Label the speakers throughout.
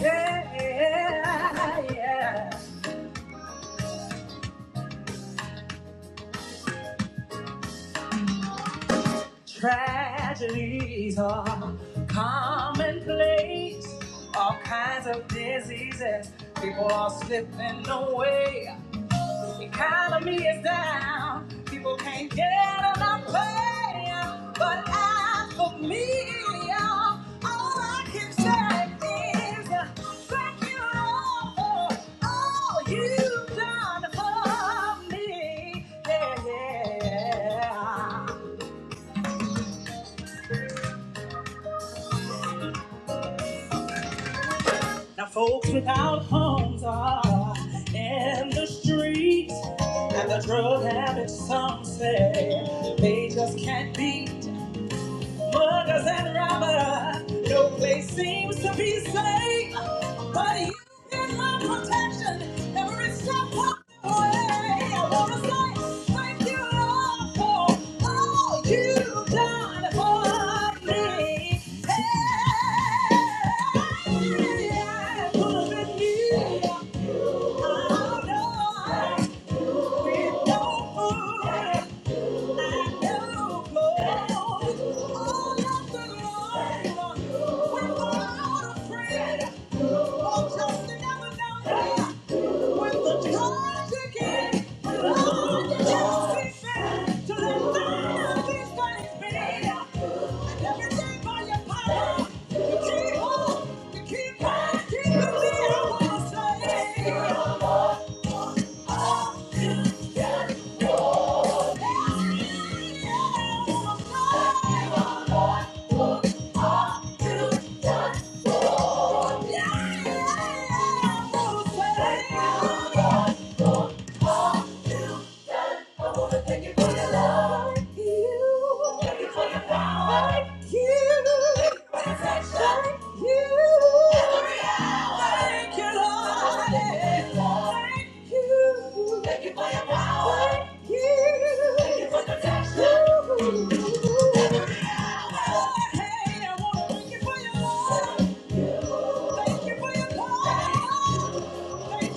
Speaker 1: Yeah, yeah. yeah. Tragedies are commonplace. All kinds of diseases. People are slipping away. economy is down. People can't get enough pay. But as for me, all I can say is uh, thank you all for all you've done for me. Yeah, yeah. Now folks without homes are in the streets, and the drug habits some say they just can't beat. Muggers and robbers, your place seems to be safe, but you've been my protection every step of the way. I wanna say thank you, Lord, for all you've done for me. Hey, could have been you. I know it's no fool. Keep on, keep on, keep on, keep on, keep on, keep on, keep on, One, two, one, two, Yeah! I wanna thank you for your love. you. Thank you for your power. you. Thank you for protection. you. Every hour. you, Thank you. Lord. Thank you Thank you for your power. you. Thank you for protection. Every hour. Hey, thank you for your love. Thank you for your power. Thank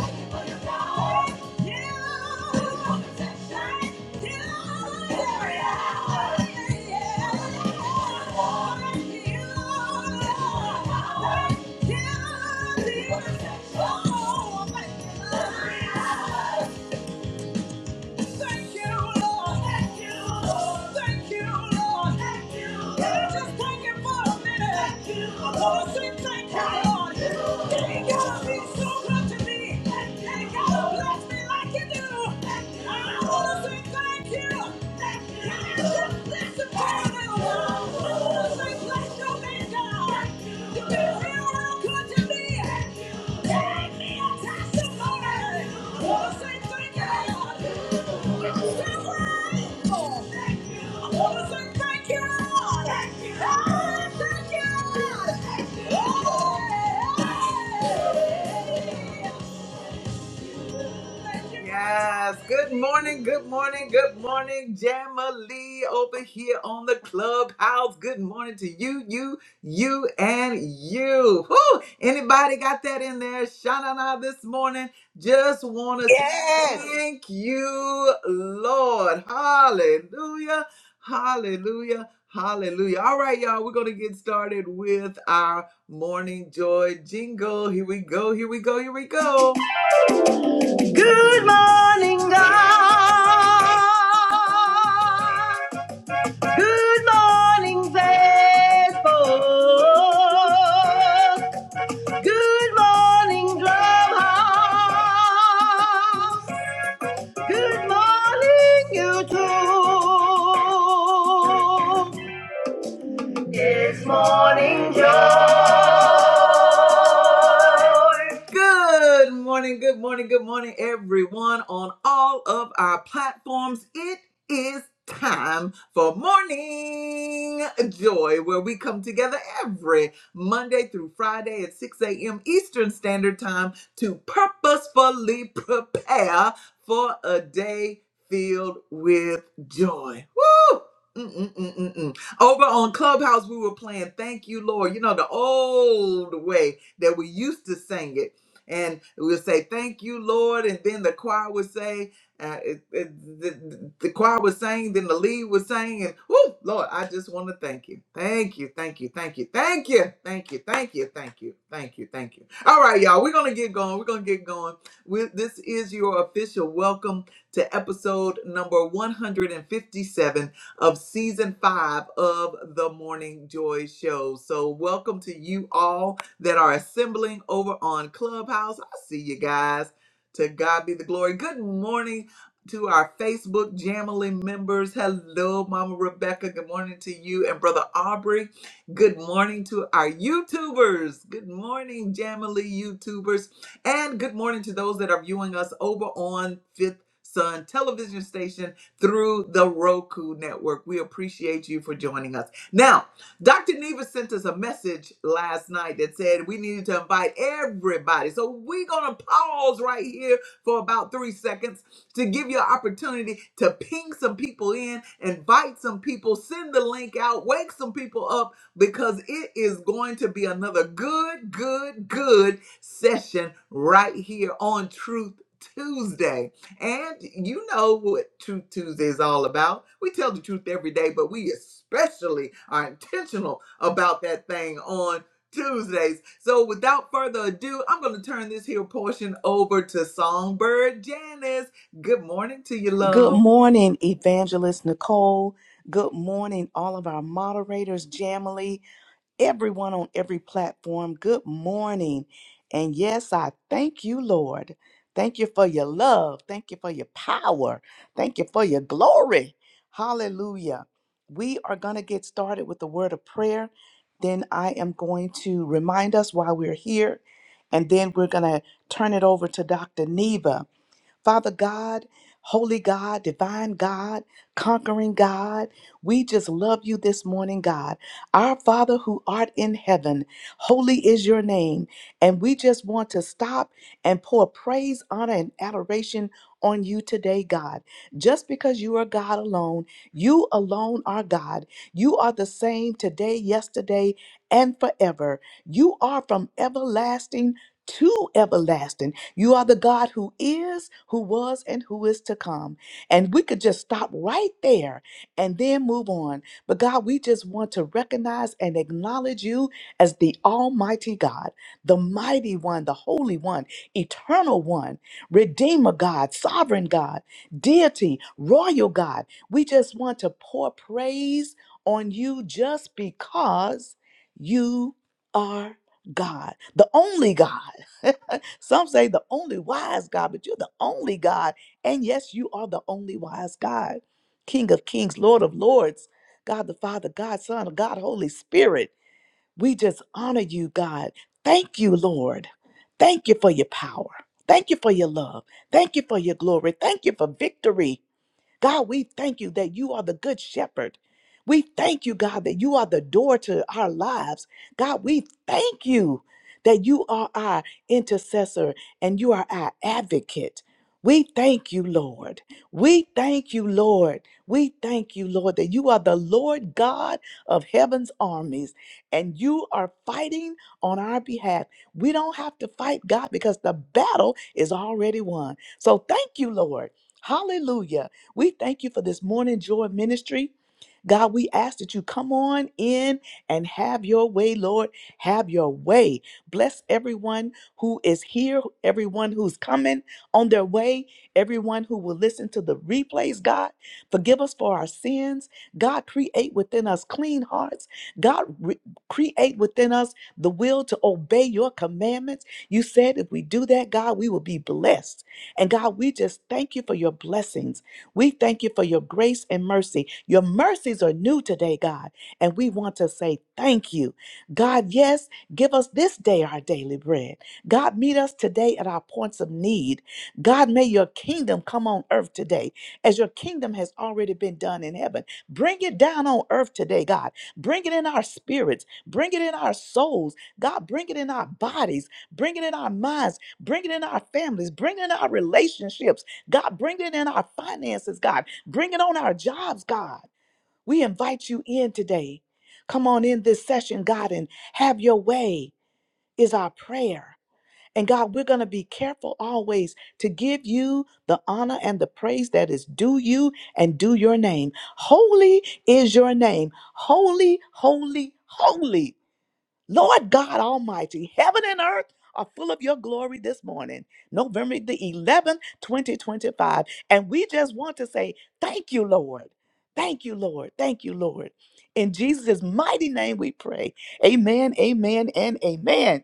Speaker 1: you. Yeah. Thank you, Lord. Thank you, Lord. Thank you, Lord. Thank you, Lord. Yeah, just thank you for a minute. Thank you, Lord. I want to say thank you, Lord. Thank you, Lord. Ain't gotta be so good to me. Thank you, Ain't gotta Lord. bless me like you do. Thank you, and I want to say thank you. Thank you, Yeah, Lord. Can I just bless the Lord. I want to say Bless you thank you. so thank you, Oh, thank you, Oh, Yes. Good morning. Good morning. Good morning, Jamalee over here on the clubhouse. Good morning to you, you, you, and you. Whoo! Anybody got that in there? Shanana this morning. Just want to say
Speaker 2: Yes.
Speaker 1: thank you, Lord. Hallelujah. Hallelujah. Hallelujah. All right, y'all. We're going to get started with our morning joy jingle. Here we go. Here we go. Here we go. Good morning, God. Good morning, Facebook. Good morning, Drumhouse. Good morning, YouTube. Good morning, good morning, good morning, everyone on all of our platforms. It is time for Morning Joy, where we come together every Monday through Friday at 6 a.m. Eastern Standard Time to purposefully prepare for a day filled with joy. Woo! Mm-mm-mm-mm-mm. Over on Clubhouse, we were playing Thank You, Lord. You know, the old way that we used to sing it and we'll say thank you lord and then the choir would say uh, it, it, the, the choir was saying then the lead was saying and whoo lord i just want to thank you thank you thank you thank you thank you thank you thank you thank you thank you thank you all right y'all we're gonna get going we're gonna get going we, this is your official welcome to episode number 157 of season five of the Morning Joy Show. So, welcome to you all that are assembling over on Clubhouse. I see you guys. To God be the glory. Good morning to our Facebook Jamily members. Hello, Mama Rebecca. Good morning to you and Brother Aubrey. Good morning to our YouTubers. Good morning, Jamily YouTubers. And good morning to those that are viewing us over on Fifth Sun television station through the Roku network. We appreciate you for joining us. Now, Dr. Neva sent us a message last night that said we needed to invite everybody. So we're going to pause right here for about three seconds to give you an opportunity to ping some people in, invite some people, send the link out, wake some people up because it is going to be another good, good, good session right here on Truth Tuesday. And you know what Truth Tuesday is all about. We tell the truth every day, but we especially are intentional about that thing on Tuesdays. So without further ado, I'm going to turn this here portion over to Songbird Janice. Good morning to you,
Speaker 3: Good
Speaker 1: love.
Speaker 3: morning, Evangelist Nicole. Good morning, all of our moderators, Jamily, everyone on every platform. Good morning. And yes, I thank you, Lord. Thank you for your love. Thank you for your power. Thank you for your glory. Hallelujah. We are going to get started with the word of prayer. Then I am going to remind us why we're here. And then we're going to turn it over to Dr. Neva Father God, Holy God, Divine God, Conquering God, we just love you this morning, God. Our Father who art in heaven, holy is your name. And we just want to stop and pour praise, honor, and adoration on you today, God. Just because you are God alone, you alone are God. You are the same today, yesterday, and forever. You are from everlasting to everlasting. You are the God who is, who was, and who is to come. And we could just stop right there and then move on. But God, we just want to recognize and acknowledge you as the Almighty God, the Mighty One, the Holy One, Eternal One, Redeemer God, Sovereign God, Deity, Royal God. We just want to pour praise on you just because you are God, the only God. Some say the only wise God, but you're the only God. And yes, you are the only wise God, King of kings, Lord of lords, God the Father, God, Son, God, Holy Spirit. We just honor you, God. Thank you, Lord. Thank you for your power. Thank you for your love. Thank you for your glory. Thank you for victory. God, we thank you that you are the good shepherd. We thank you, God, that you are the door to our lives. God, we thank you that you are our intercessor and you are our advocate. We thank you, Lord. We thank you, Lord. We thank you, Lord, that you are the Lord God of heaven's armies and you are fighting on our behalf. We don't have to fight, God, because the battle is already won. So thank you, Lord. Hallelujah we thank you for this morning joy ministry. God, we ask that you come on in and have your way, Lord. Have your way. Bless everyone who is here, everyone who's coming on their way, everyone who will listen to the replays, God. Forgive us for our sins. God, create within us clean hearts. God, re- create within us the will to obey your commandments. You said if we do that, God, we will be blessed. And God, we just thank you for your blessings. We thank you for your grace and mercy. Your mercies are new today, God, and we want to say thank you. God, yes, give us this day our daily bread. God, meet us today at our points of need. God, may your kingdom come on earth today as your kingdom has already been done in heaven. Bring it down on earth today, God. Bring it in our spirits. Bring it in our souls. God, bring it in our bodies. Bring it in our minds. Bring it in our families. Bring it in our relationships. God, bring it in our finances, God. Bring it on our jobs, God. We invite you in today. Come on in this session, God, and have your way is our prayer. And God, we're going to be careful always to give you the honor and the praise that is due you and due your name. Holy is your name. Holy, holy, holy Lord God Almighty, heaven and earth are full of your glory this morning, November the 11th, 2025. And we just want to say, Thank you, Lord. Thank you, Lord. Thank you, Lord. In Jesus' mighty name we pray. Amen, amen, and amen.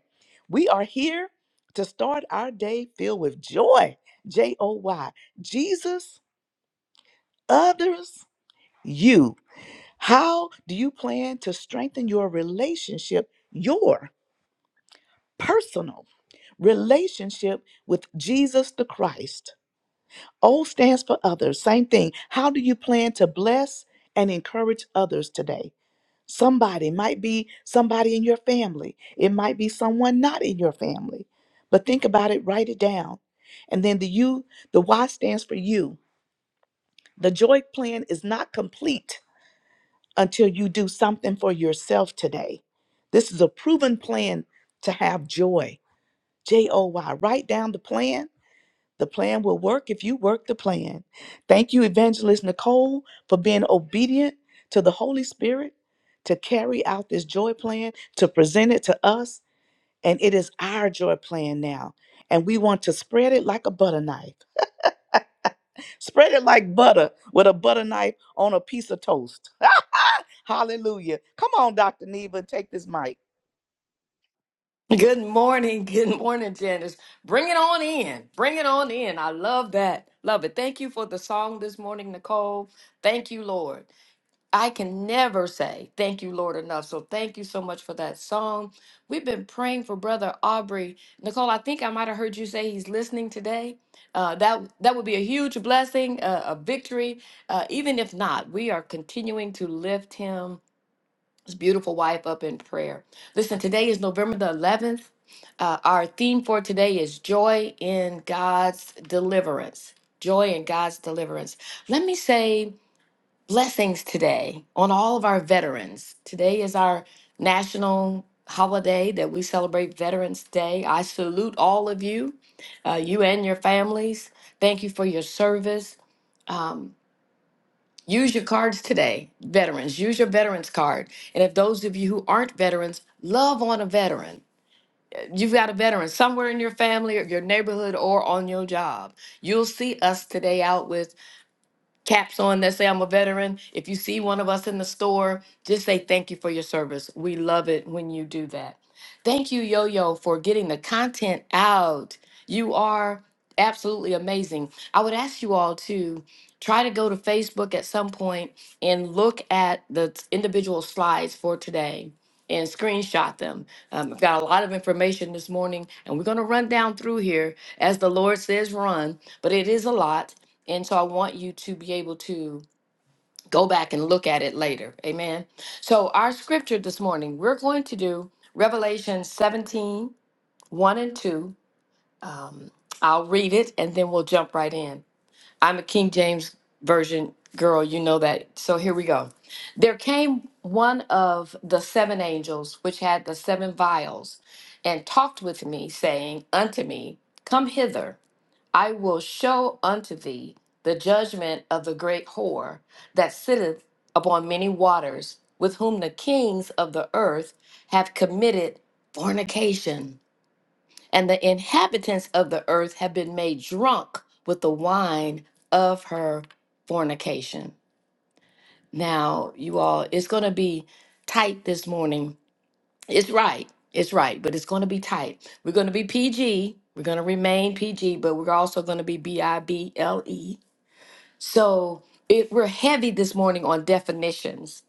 Speaker 3: We are here to start our day filled with joy. J O Y. Jesus, others, you. How do you plan to strengthen your relationship, your personal? relationship with Jesus the Christ. O stands for others. Same thing. How do you plan to bless and encourage others today? Somebody it might be somebody in your family, it might be someone not in your family. But think about it, write it down. And then the U, the Y stands for you. The joy plan is not complete until you do something for yourself today. This is a proven plan to have joy. J O Y. Write down the plan The plan will work if you work the plan. Thank you, Evangelist Nicole, for being obedient to the Holy Spirit to carry out this joy plan, to present it to us. And it is our joy plan now. And we want to spread it like a butter knife. Spread it like butter with a butter knife on a piece of toast. Hallelujah. Come on, Dr. Neva, take this mic.
Speaker 4: Good morning. Good morning, Janice. Bring it on in. Bring it on in. I love that. Love it. Thank you for the song this morning, Nicole. Thank you, Lord. I can never say thank you, Lord, enough. So thank you so much for that song. We've been praying for Brother Aubrey. Nicole, I think I might have heard you say he's listening today. Uh, that that would be a huge blessing, uh, a victory. Uh, even if not, we are continuing to lift him his beautiful wife up in prayer. Listen, today is November the 11th. Uh, our theme for today is joy in God's deliverance. Joy in God's deliverance. Let me say blessings today on all of our veterans. Today is our national holiday that we celebrate Veterans Day. I salute all of you, uh, you and your families. Thank you for your service. Um, Use your cards today, veterans. Use your veterans card. And if those of you who aren't veterans, love on a veteran. You've got a veteran somewhere in your family or your neighborhood or on your job. You'll see us today out with caps on that say, I'm a veteran. If you see one of us in the store, just say thank you for your service. We love it when you do that. Thank you, Yo Yo, for getting the content out. You are absolutely amazing. I would ask you all to try to go to Facebook at some point and look at the t- individual slides for today and screenshot them. Um, I've got a lot of information this morning, and we're going to run down through here as the Lord says run, but it is a lot. And so I want you to be able to go back and look at it later. Amen. So, our scripture this morning, we're going to do Revelation seventeen one and 2. I'll read it and then we'll jump right in. I'm a King James version girl, you know that. So here we go. There came one of the seven angels which had the seven vials and talked with me, saying unto me, Come hither, I will show unto thee the judgment of the great whore that sitteth upon many waters, with whom the kings of the earth have committed fornication and the inhabitants of the earth have been made drunk with the wine of her fornication. Now, you all, it's going to be tight this morning. It's right. It's right, but it's going to be tight. We're going to be PG. We're going to remain PG, but we're also going to be B I B L E. So it, we're heavy this morning on definitions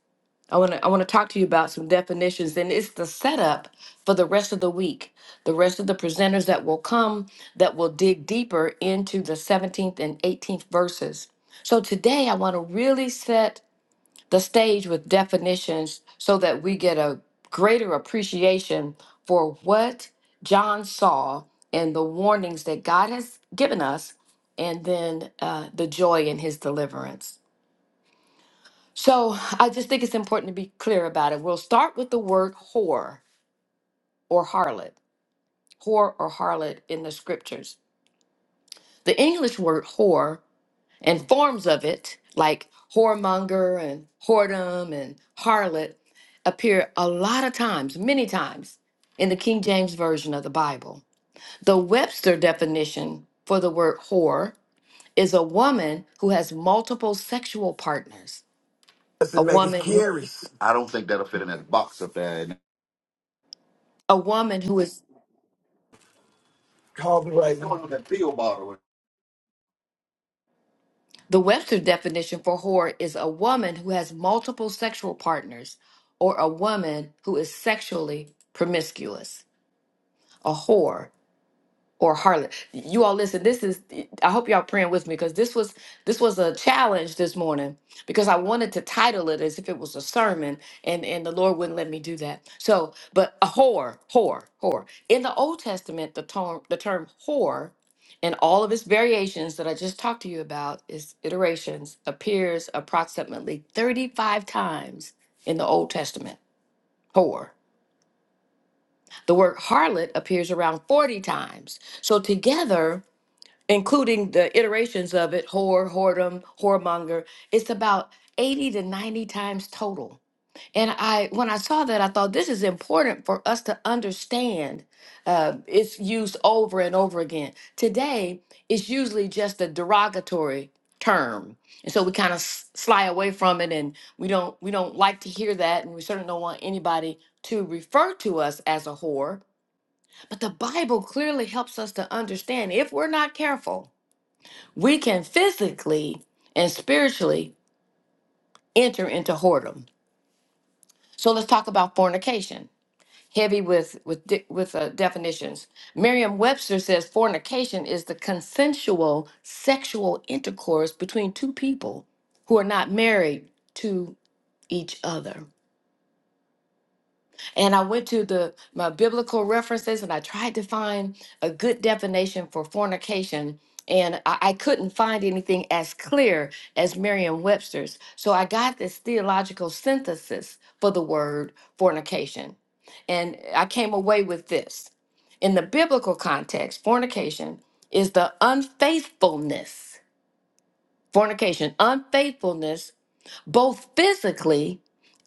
Speaker 4: I want to I want to talk to you about some definitions and it's the setup for the rest of the week. The rest of the presenters that will come that will dig deeper into the 17th and 18th verses. So today I want to really set the stage with definitions so that we get a greater appreciation for what John saw and the warnings that God has given us and then uh, the joy in his deliverance. So I just think it's important to be clear about it. We'll start with the word whore or harlot, whore or harlot in the scriptures. The English word whore and forms of it, like whoremonger and whoredom and harlot, appear a lot of times, many times, in the King James Version of the Bible. The Webster definition for the word whore is a woman who has multiple sexual partners,
Speaker 5: Let's
Speaker 4: a
Speaker 5: make his
Speaker 4: woman, who-
Speaker 5: carries. I don't think that'll fit in that box up there. And
Speaker 4: a woman who is
Speaker 5: Call me right now. Going that field bottle.
Speaker 4: The Webster's definition for whore is a woman who has multiple sexual partners or a woman who is sexually promiscuous. A whore or harlot. You all listen, this is I hope y'all praying with me because this was this was a challenge this morning because I wanted to title it as if it was a sermon and and the Lord wouldn't let me do that. So, but a whore, whore, whore. In the Old Testament, the term the term whore and all of its variations that I just talked to you about, its iterations, appears approximately 35 times in the Old Testament. Whore. The word harlot appears around 40 times. So together including the iterations of it whore, whoredom, whoremonger. It's about 80 to 90 times total. And I, when I saw that, I thought this is important for us to understand. Uh, it's used over and over again. Today, it's usually just a derogatory term, and so we kind of s- sly away from it, and we don't we don't like to hear that, and we certainly don't want anybody to refer to us as a whore. But the Bible clearly helps us to understand if we're not careful we can physically and spiritually enter into whoredom. So let's talk about fornication. Heavy with with di- with uh, definitions. Merriam-Webster says fornication is the consensual sexual intercourse between two people who are not married to each other. And I went to the my biblical references and I tried to find a good definition for fornication. And I, I couldn't find anything as clear as Merriam Webster's. So I got this theological synthesis for the word fornication. And I came away with this. In the biblical context, fornication is the unfaithfulness, fornication, unfaithfulness both physically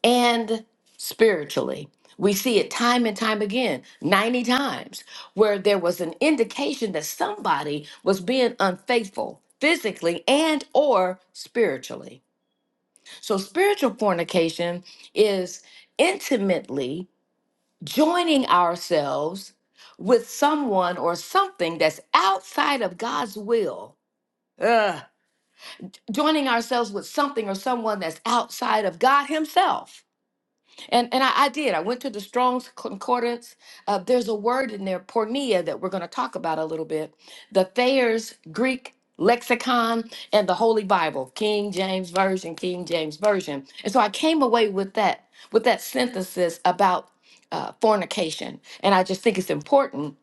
Speaker 4: and spiritually. We see it time and time again, 90 times, where there was an indication that somebody was being unfaithful physically and or spiritually. So spiritual fornication is intimately joining ourselves with someone or something that's outside of God's will. Ugh. Joining ourselves with something or someone that's outside of God himself And and I, I did. I went to the Strong's Concordance. Uh, there's a word in there, pornea, that we're going to talk about a little bit. The Thayer's Greek lexicon and the Holy Bible, King James Version, King James Version. And so I came away with that with that synthesis about uh, fornication. And I just think it's important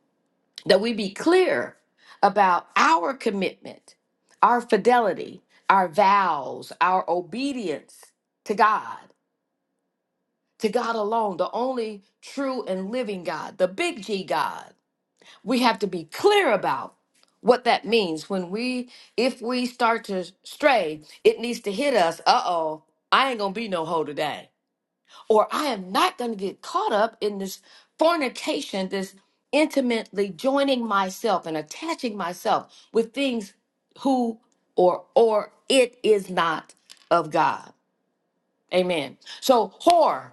Speaker 4: that we be clear about our commitment, our fidelity, our vows, our obedience to God to God alone, the only true and living God, the big G God. We have to be clear about what that means when we if we start to stray, it needs to hit us, uh-oh, I ain't going to be no hoe today. Or I am not going to get caught up in this fornication, this intimately joining myself and attaching myself with things who or or it is not of God. Amen. So whore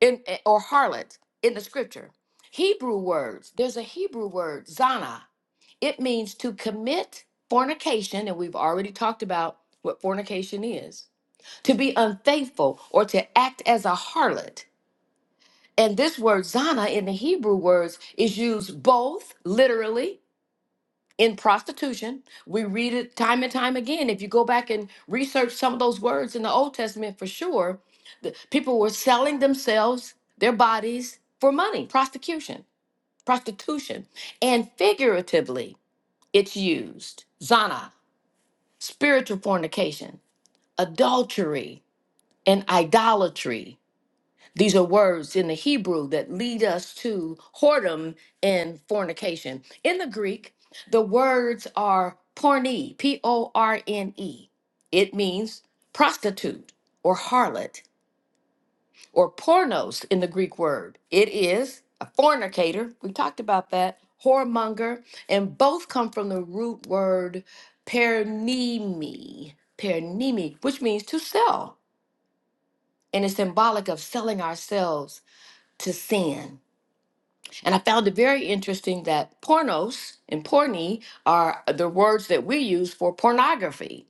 Speaker 4: in eh, or harlot in the scripture. Hebrew words, there's a Hebrew word, zana. It means to commit fornication, and we've already talked about what fornication is. To be unfaithful or to act as a harlot. And this word zana in the Hebrew words is used both literally in prostitution. We read it time and time again. If you go back and research some of those words in the Old Testament, for sure, the people were selling themselves, their bodies for money, prostitution, prostitution, and figuratively, it's used zana, spiritual fornication, adultery, and idolatry. These are words in the Hebrew that lead us to whoredom and fornication. In the Greek, the words are porne, P O R N E. It means prostitute or harlot or pornos in the Greek word. It is a fornicator. We talked about that. Whoremonger. And both come from the root word pernimi, pernimi, which means to sell. And it's symbolic of selling ourselves to sin. And I found it very interesting that pornos and porny are the words that we use for pornography.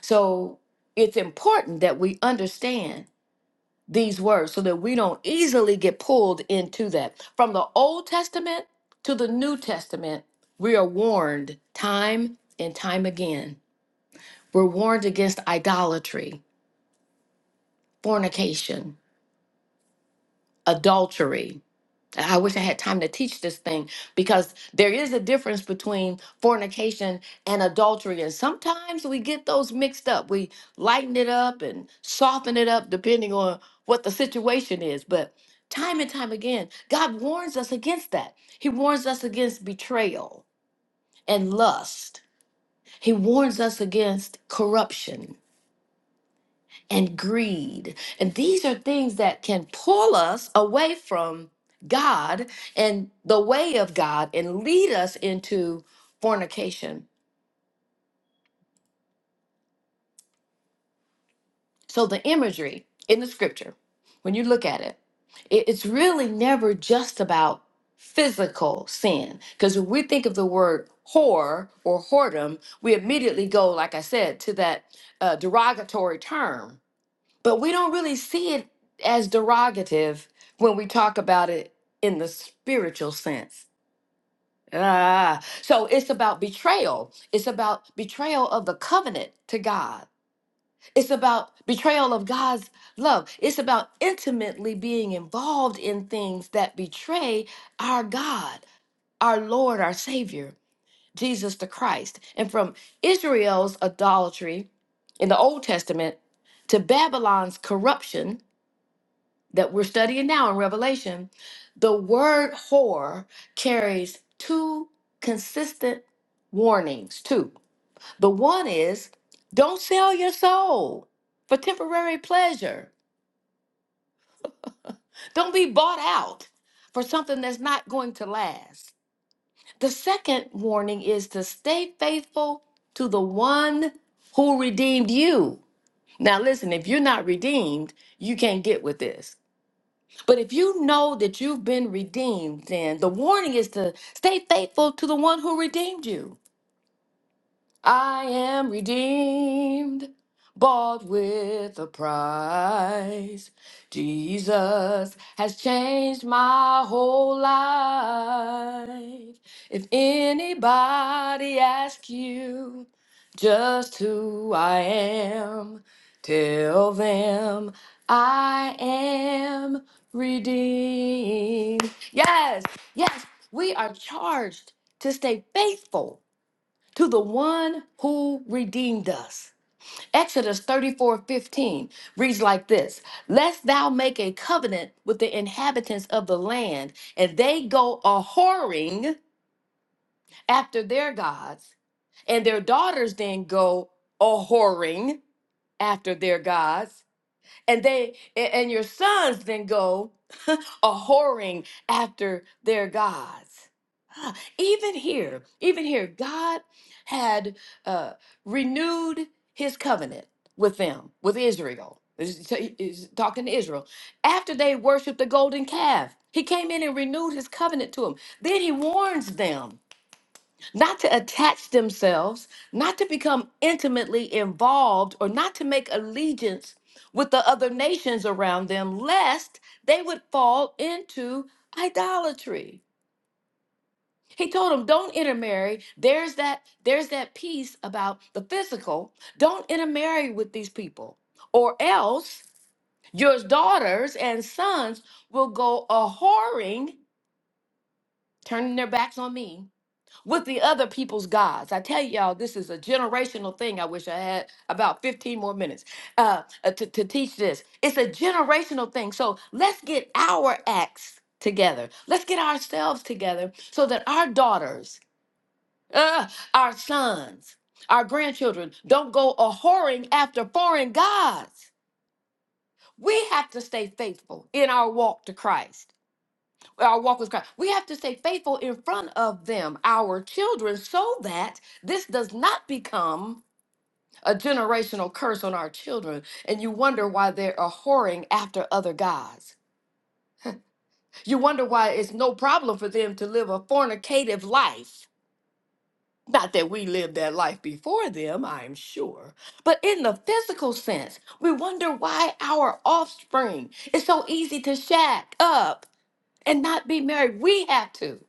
Speaker 4: So it's important that we understand these words so that we don't easily get pulled into that. From the Old Testament to the New Testament, we are warned time and time again. We're warned against idolatry, fornication, adultery, I wish I had time to teach this thing because there is a difference between fornication and adultery. And sometimes we get those mixed up. We lighten it up and soften it up depending on what the situation is. But time and time again, God warns us against that. He warns us against betrayal and lust, He warns us against corruption and greed. And these are things that can pull us away from God and the way of God and lead us into fornication. So the imagery in the scripture, when you look at it, it- it's really never just about physical sin. Because when we think of the word whore or whoredom, we immediately go, like I said, to that uh, derogatory term But we don't really see it as derogative when we talk about it in the spiritual sense. Ah, so it's about betrayal. It's about betrayal of the covenant to God. It's about betrayal of God's love. It's about intimately being involved in things that betray our God, our Lord, our Savior, Jesus the Christ. And from Israel's idolatry in the Old Testament to Babylon's corruption that we're studying now in Revelation, the word whore carries two consistent warnings. Two. The one is don't sell your soul for temporary pleasure, don't be bought out for something that's not going to last. The second warning is to stay faithful to the one who redeemed you. Now, listen, if you're not redeemed, you can't get with this But if you know that you've been redeemed, then the warning is to stay faithful to the one who redeemed you. I am redeemed, bought with a price. Jesus has changed my whole life. If anybody asks you just who I am, tell them I am redeemed. Yes, yes, we are charged to stay faithful to the one who redeemed us. Exodus 34 15 reads like this Lest thou make a covenant with the inhabitants of the land, and they go a whoring after their gods, and their daughters then go a whoring after their gods and they a- and your sons then go a whoring after their gods. Ah, Even here, even here, God had uh, renewed His covenant with them, with Israel. He's t- he's talking to Israel after they worshipped the golden calf. He came in and renewed His covenant to them. Then He warns them not to attach themselves, not to become intimately involved, or not to make allegiance with the other nations around them, lest they would fall into idolatry. He told them, don't intermarry. There's that, there's that piece about the physical. Don't intermarry with these people, or else your daughters and sons will go a whoring, turning their backs on me with the other people's gods. I tell y'all, this is a generational thing. I wish I had about 15 more minutes uh, uh, to, to teach this. It's a generational thing. So let's get our acts together. Let's get ourselves together so that our daughters, uh, our sons, our grandchildren don't go a whoring after foreign gods. We have to stay faithful in our walk to Christ our walk with Christ. We have to stay faithful in front of them, our children, so that this does not become a generational curse on our children. And you wonder why they are whoring after other gods. You wonder why it's no problem for them to live a fornicative life. Not that we lived that life before them, I'm sure. But in the physical sense, we wonder why our offspring is so easy to shack up and not be married. We have to.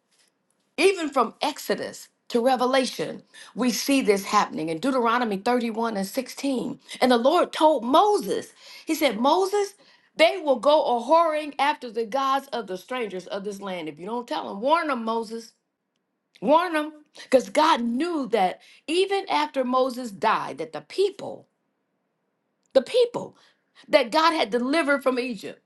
Speaker 4: Even from Exodus to Revelation, we see this happening in Deuteronomy 31 and 16. And the Lord told Moses, He said, Moses, they will go a whoring after the gods of the strangers of this land. If you don't tell them, warn them, Moses. Warn them. Because God knew that even after Moses died, that the people the people that God had delivered from Egypt,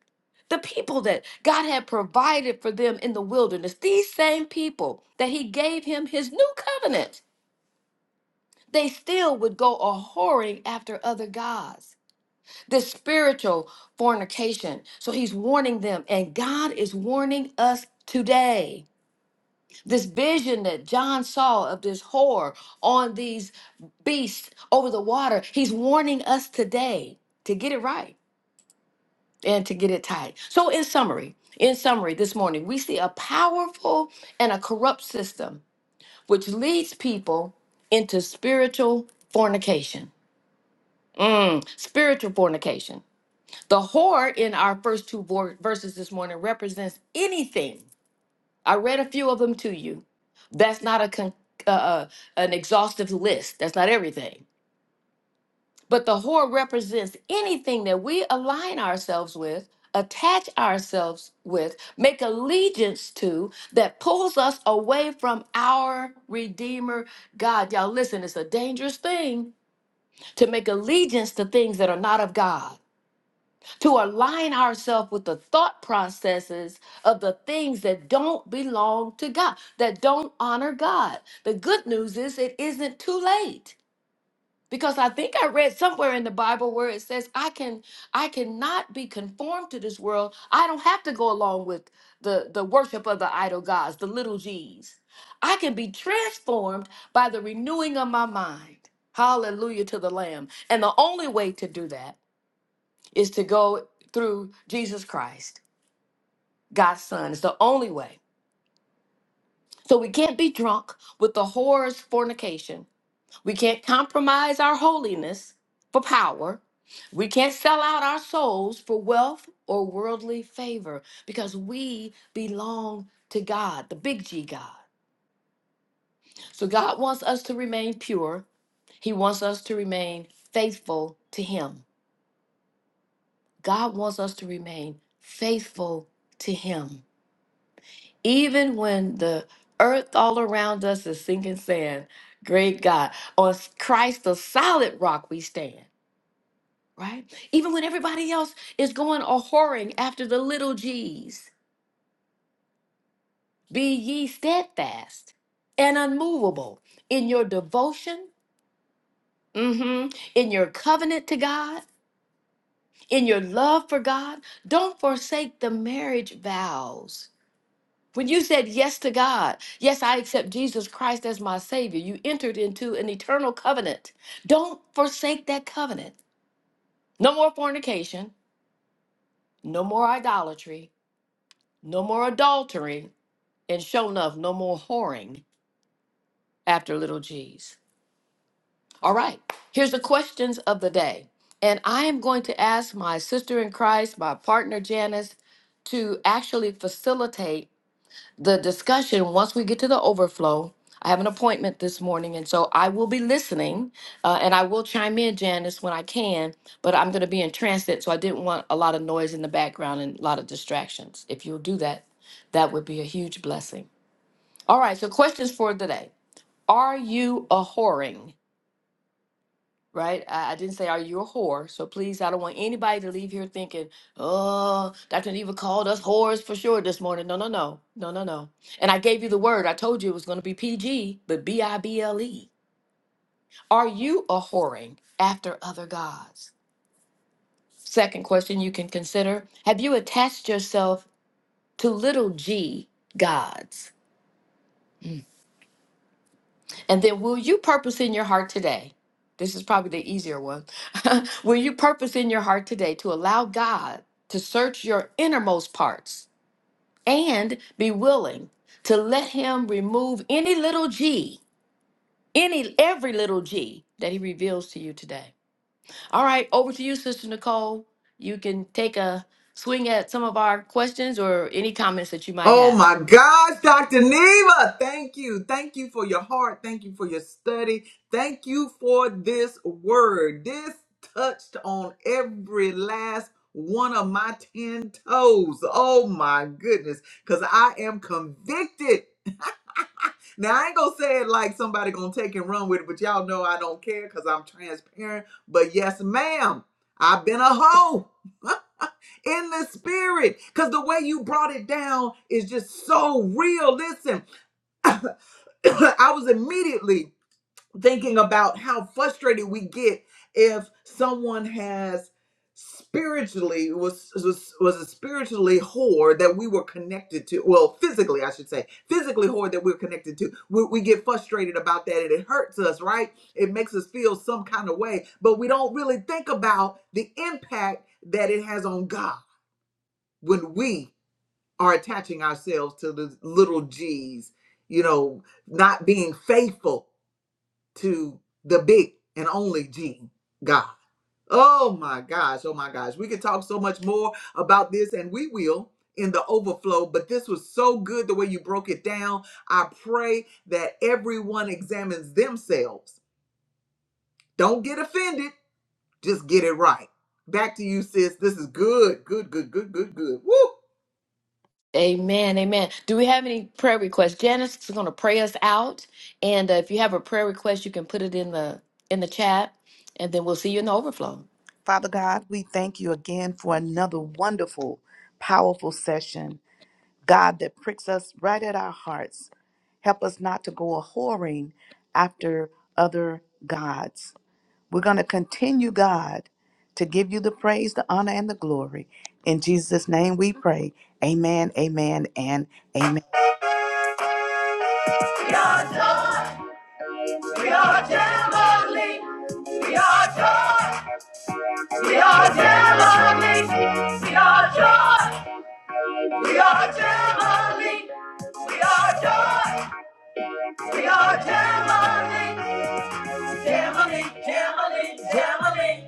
Speaker 4: the people that God had provided for them in the wilderness, these same people that He gave Him His new covenant, they still would go a whoring after other gods. This spiritual fornication. So He's warning them, and God is warning us today. This vision that John saw of this whore on these beasts over the water, He's warning us today to get it right and to get it tight. So, in summary, in summary, this morning we see a powerful and a corrupt system which leads people into spiritual fornication. Mm, spiritual fornication. The whore in our first two vor- verses this morning represents anything. I read a few of them to you. That's not a con- uh, uh, an exhaustive list. That's not everything But the whore represents anything that we align ourselves with, attach ourselves with, make allegiance to that pulls us away from our Redeemer God. Y'all, listen, it's a dangerous thing to make allegiance to things that are not of God, to align ourselves with the thought processes of the things that don't belong to God, that don't honor God. The good news is it isn't too late because i think i read somewhere in the bible where it says i can i cannot be conformed to this world i don't have to go along with the the worship of the idol gods the little g's i can be transformed by the renewing of my mind hallelujah to the lamb and the only way to do that is to go through jesus christ god's son it's the only way so we can't be drunk with the horrors fornication We can't compromise our holiness for power. We can't sell out our souls for wealth or worldly favor because we belong to God, the big G God. So God wants us to remain pure. He wants us to remain faithful to Him. God wants us to remain faithful to Him. Even when the earth all around us is sinking sand, great God, on Christ, the solid rock we stand. right? Even when everybody else is going a whoring after the little G's, be ye steadfast and unmovable in your devotion, mhm, in your covenant to God, in your love for God. Don't forsake the marriage vows. When you said yes to God, yes, I accept Jesus Christ as my Savior, you entered into an eternal covenant. Don't forsake that covenant. No more fornication, no more idolatry, no more adultery, and show enough, no more whoring after little G's. All right, here's the questions of the day. And I am going to ask my sister in Christ, my partner Janice, to actually facilitate the discussion once we get to the overflow. I have an appointment this morning, and so I will be listening uh, and I will chime in, Janice, when I can, but I'm going to be in transit, so I didn't want a lot of noise in the background and a lot of distractions. If you'll do that, that would be a huge blessing. All right, so questions for today. Are you a whoring? Right? I, I didn't say are you a whore. So please, I don't want anybody to leave here thinking, oh, Dr. Neva called us whores for sure this morning. No, no, no. No, no, no. And I gave you the word. I told you it was going to be PG, but B I B L E. Are you a whoring after other gods? Second question you can consider Have you attached yourself to little g gods? And then, will you purpose in your heart today? This is probably the easier one. will you purpose in your heart today to allow God to search your innermost parts and be willing to let Him remove any little G, any every little G that He reveals to you today? All right, over to you, Sister Nicole. You can take a swing at some of our questions or any comments that you might
Speaker 1: Oh
Speaker 4: have.
Speaker 1: my gosh, Dr. Neva, thank you. Thank you for your heart. Thank you for your study. Thank you for this word. This touched on every last one of my 10 toes. Oh my goodness, because I am convicted. Now, I ain't gonna say it like somebody gonna take and run with it, but y'all know I don't care because I'm transparent. But yes, ma'am, I've been a hoe in the spirit because the way you brought it down is just so real. Listen, I was immediately thinking about how frustrated we get if someone has spiritually was was was a spiritually whore that we were connected to well physically i should say physically whore that we're connected to we, we get frustrated about that and it hurts us right it makes us feel some kind of way but we don't really think about the impact that it has on god when we are attaching ourselves to the little g's, you know, not being faithful to the big and only G, God. Oh my gosh, oh my gosh. We could talk so much more about this, and we will in the overflow, but this was so good the way you broke it down. I pray that everyone examines themselves. Don't get offended, just get it right. Back to you, sis. This is good, good, good, good, good, good. Woo!
Speaker 4: Amen. Amen. Do we have any prayer requests? Janice is going to pray us out, and uh, if you have a prayer request, you can put it in the in the chat, and then we'll see you in the overflow.
Speaker 3: Father God, we thank you again for another wonderful, powerful session. God that pricks us right at our hearts. Help us not to go a whoring after other gods. We're going to continue, God, to give you the praise, the honor, and the glory. In Jesus' name we pray. Amen, amen, and amen.
Speaker 1: Your joy. We are heavenly. We are joy. We are heavenly. We are joy. We are heavenly. We are joy. We are heavenly. Heavenly, heavenly, heavenly.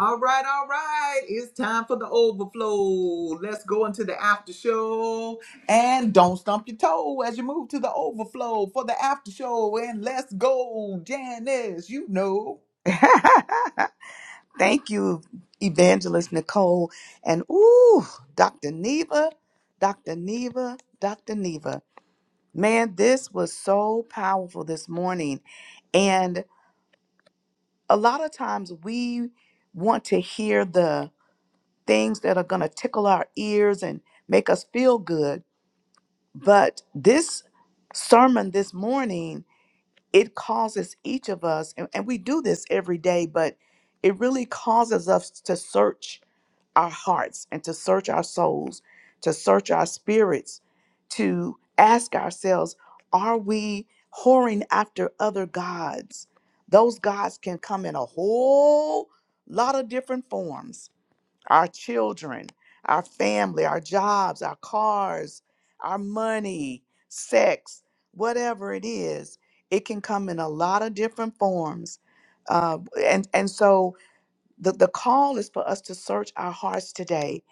Speaker 1: All right, all right. It's time for the overflow. Let's go into the after show. And don't stump your toe as you move to the overflow for the after show. And let's go, Janice. You know.
Speaker 3: Thank you, Evangelist Nicole. And ooh, Dr. Neva, Dr. Neva, Dr. Neva. Man, this was so powerful this morning. and. a lot of times we want to hear the things that are going to tickle our ears and make us feel good. But this sermon this morning, it causes each of us, and, and we do this every day, but it really causes us to search our hearts and to search our souls, to search our spirits, to ask ourselves, are we whoring after other gods? Those gods can come in a whole lot of different forms our children, our family, our jobs, our cars, our money, sex, whatever it is. It can come in a lot of different forms. Uh, and, and so the, the call is for us to search our hearts today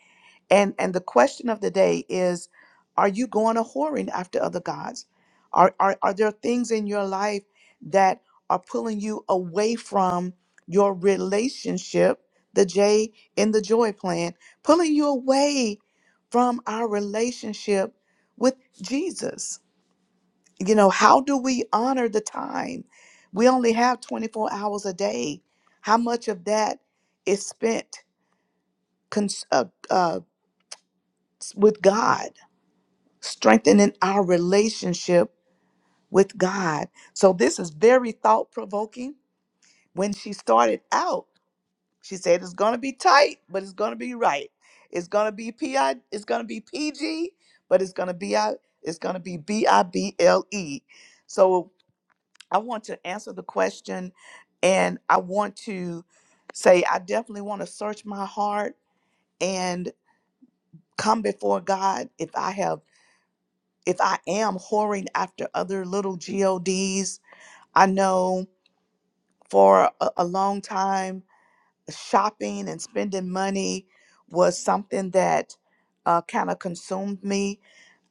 Speaker 3: and and the question of the day is are you going a whoring after other gods are, are are there things in your life that are pulling you away from your relationship the j in the joy plan pulling you away from our relationship with jesus you know how do we honor the time we only have 24 hours a day how much of that is spent cons- uh, uh, with God, strengthening our relationship with God. So this is very thought provoking. When she started out, she said it's going to be tight, but it's going to be right. It's going to be pi. It's going to be PG, but it's going to be I. It's going to be B I B L E. So I want to answer the question, and I want to say I definitely want to search my heart and come before God if I have if I am whoring after other little GODs, I know for a, a long time, shopping and spending money was something that uh, kind of consumed me.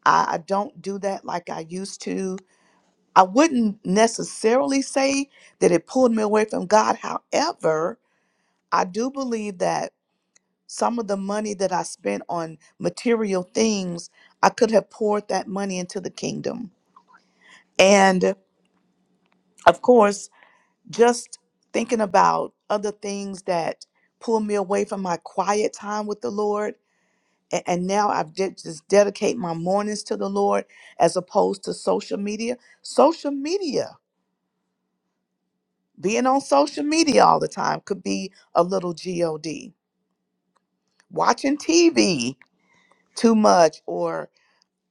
Speaker 3: I, I don't do that like I used to. I wouldn't necessarily say that it pulled me away from God. However, I do believe that some of the money that I spent on material things, I could have poured that money into the kingdom. And of course, just thinking about other things that pull me away from my quiet time with the Lord. And, and now I've de- just dedicate my mornings to the Lord as opposed to social media. Social media, being on social media all the time could be a little GOD. Watching TV too much or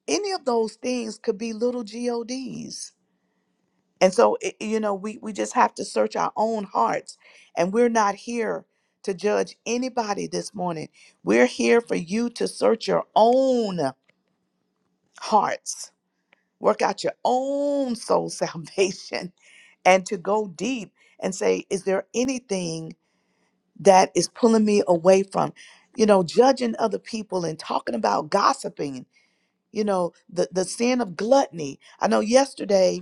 Speaker 3: any of those things could be little GODs And so, i- you know, we, we just have to search our own hearts. And we're not here to judge anybody this morning. We're here for you to search your own hearts, work out your own soul salvation, and to go deep and say, is there anything that is pulling me away from, you know, judging other people and talking about gossiping, you know, the, the sin of gluttony. I know yesterday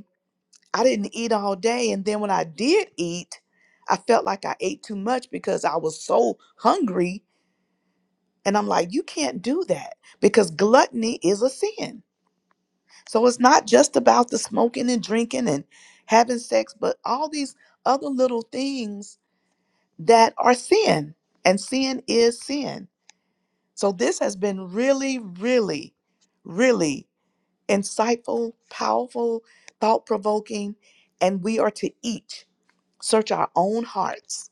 Speaker 3: I didn't eat all day. And then when I did eat, I felt like I ate too much because I was so hungry. And I'm like, you can't do that because gluttony is a sin. So it's not just about the smoking and drinking and having sex, but all these other little things that are sin. And sin is sin. So this has been really, really, really insightful, powerful, thought provoking. And we are to eat. search our own hearts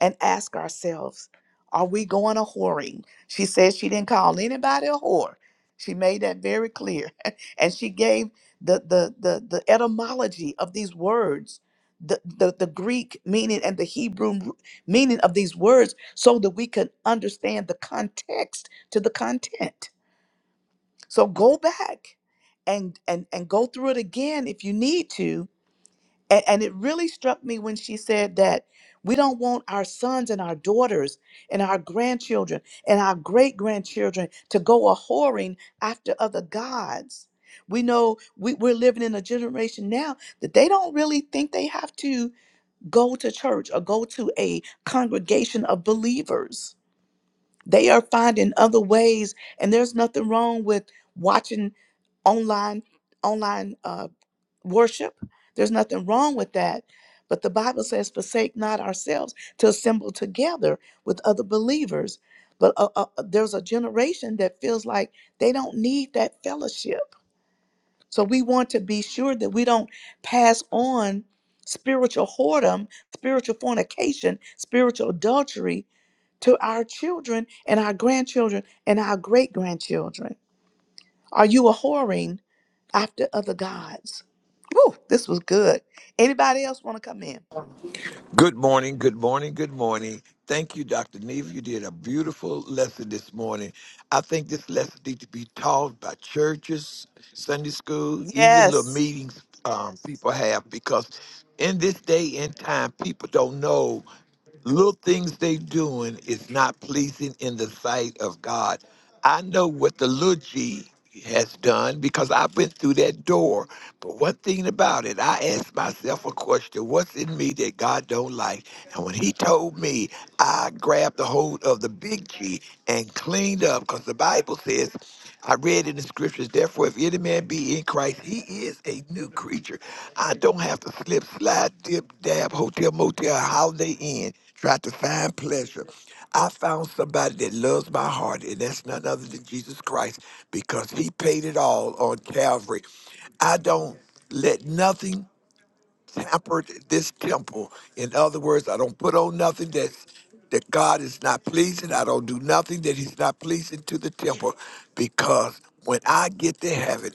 Speaker 3: and ask ourselves, are we going a whoring? She says she didn't call anybody a whore. She made that very clear. and she gave the, the, the, the etymology of these words, the, the, the Greek meaning and the Hebrew m- meaning of these words, so that we can understand the context to the content. So go back and, and, and go through it again if you need to and, and it really struck me when she said that we don't want our sons and our daughters and our grandchildren and our great grandchildren to go a whoring after other gods. We know we, we're living in a generation now that they don't really think they have to go to church or go to a congregation of believers. They are finding other ways, and there's nothing wrong with watching online online uh, worship. There's nothing wrong with that. But the Bible says, forsake not ourselves to assemble together with other believers. But uh, uh, uh, there's a generation that feels like they don't need that fellowship. So we want to be sure that we don't pass on spiritual whoredom, spiritual fornication, spiritual adultery to our children and our grandchildren and our great grandchildren. Are you a whoring? after other gods. Woo, this was good. Anybody else want to come in?
Speaker 5: Good morning, good morning, good morning. Thank you, Dr. Neve. You did a beautiful lesson this morning. I think this lesson needs to be taught by churches, Sunday school, even little
Speaker 3: Yes.
Speaker 5: meetings um, people have, because in this day and time, people don't know. little things they doing is not pleasing in the sight of God. I know what the little G has done because I went through that door. But one thing about it, I asked myself a question, what's in me that God don't like? And when he told me, I grabbed the hold of the big G and cleaned up because the Bible says I read in the scriptures, therefore, if any man be in Christ, he is a new creature. I don't have to slip, slide, dip, dab, hotel, motel, holiday inn, try to find pleasure. I found somebody that loves my heart, and that's none other than Jesus Christ because he paid it all on Calvary. I don't let nothing tempered this temple. In other words, I don't put on nothing that's that God is not pleasing. I don't do nothing that He's not pleasing to the temple because when I get to heaven,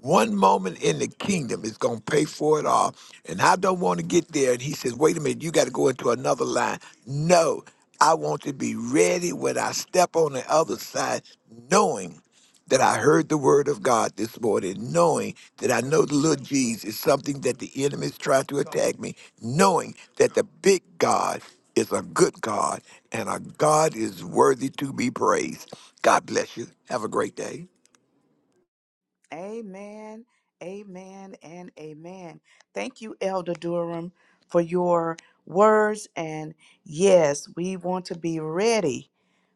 Speaker 5: one moment in the kingdom is going to pay for it all. And I don't want to get there. And He says, wait a minute, you got to go into another line. No, I want to be ready when I step on the other side, knowing that I heard the word of God this morning, knowing that I know the little G's is something that the enemy is trying to attack me, knowing that the big God is a good God and our God is worthy to be praised. God bless you. Have a great day.
Speaker 3: Amen. Amen and amen. Thank you, Elder Durham, for your words. And yes, we want to be ready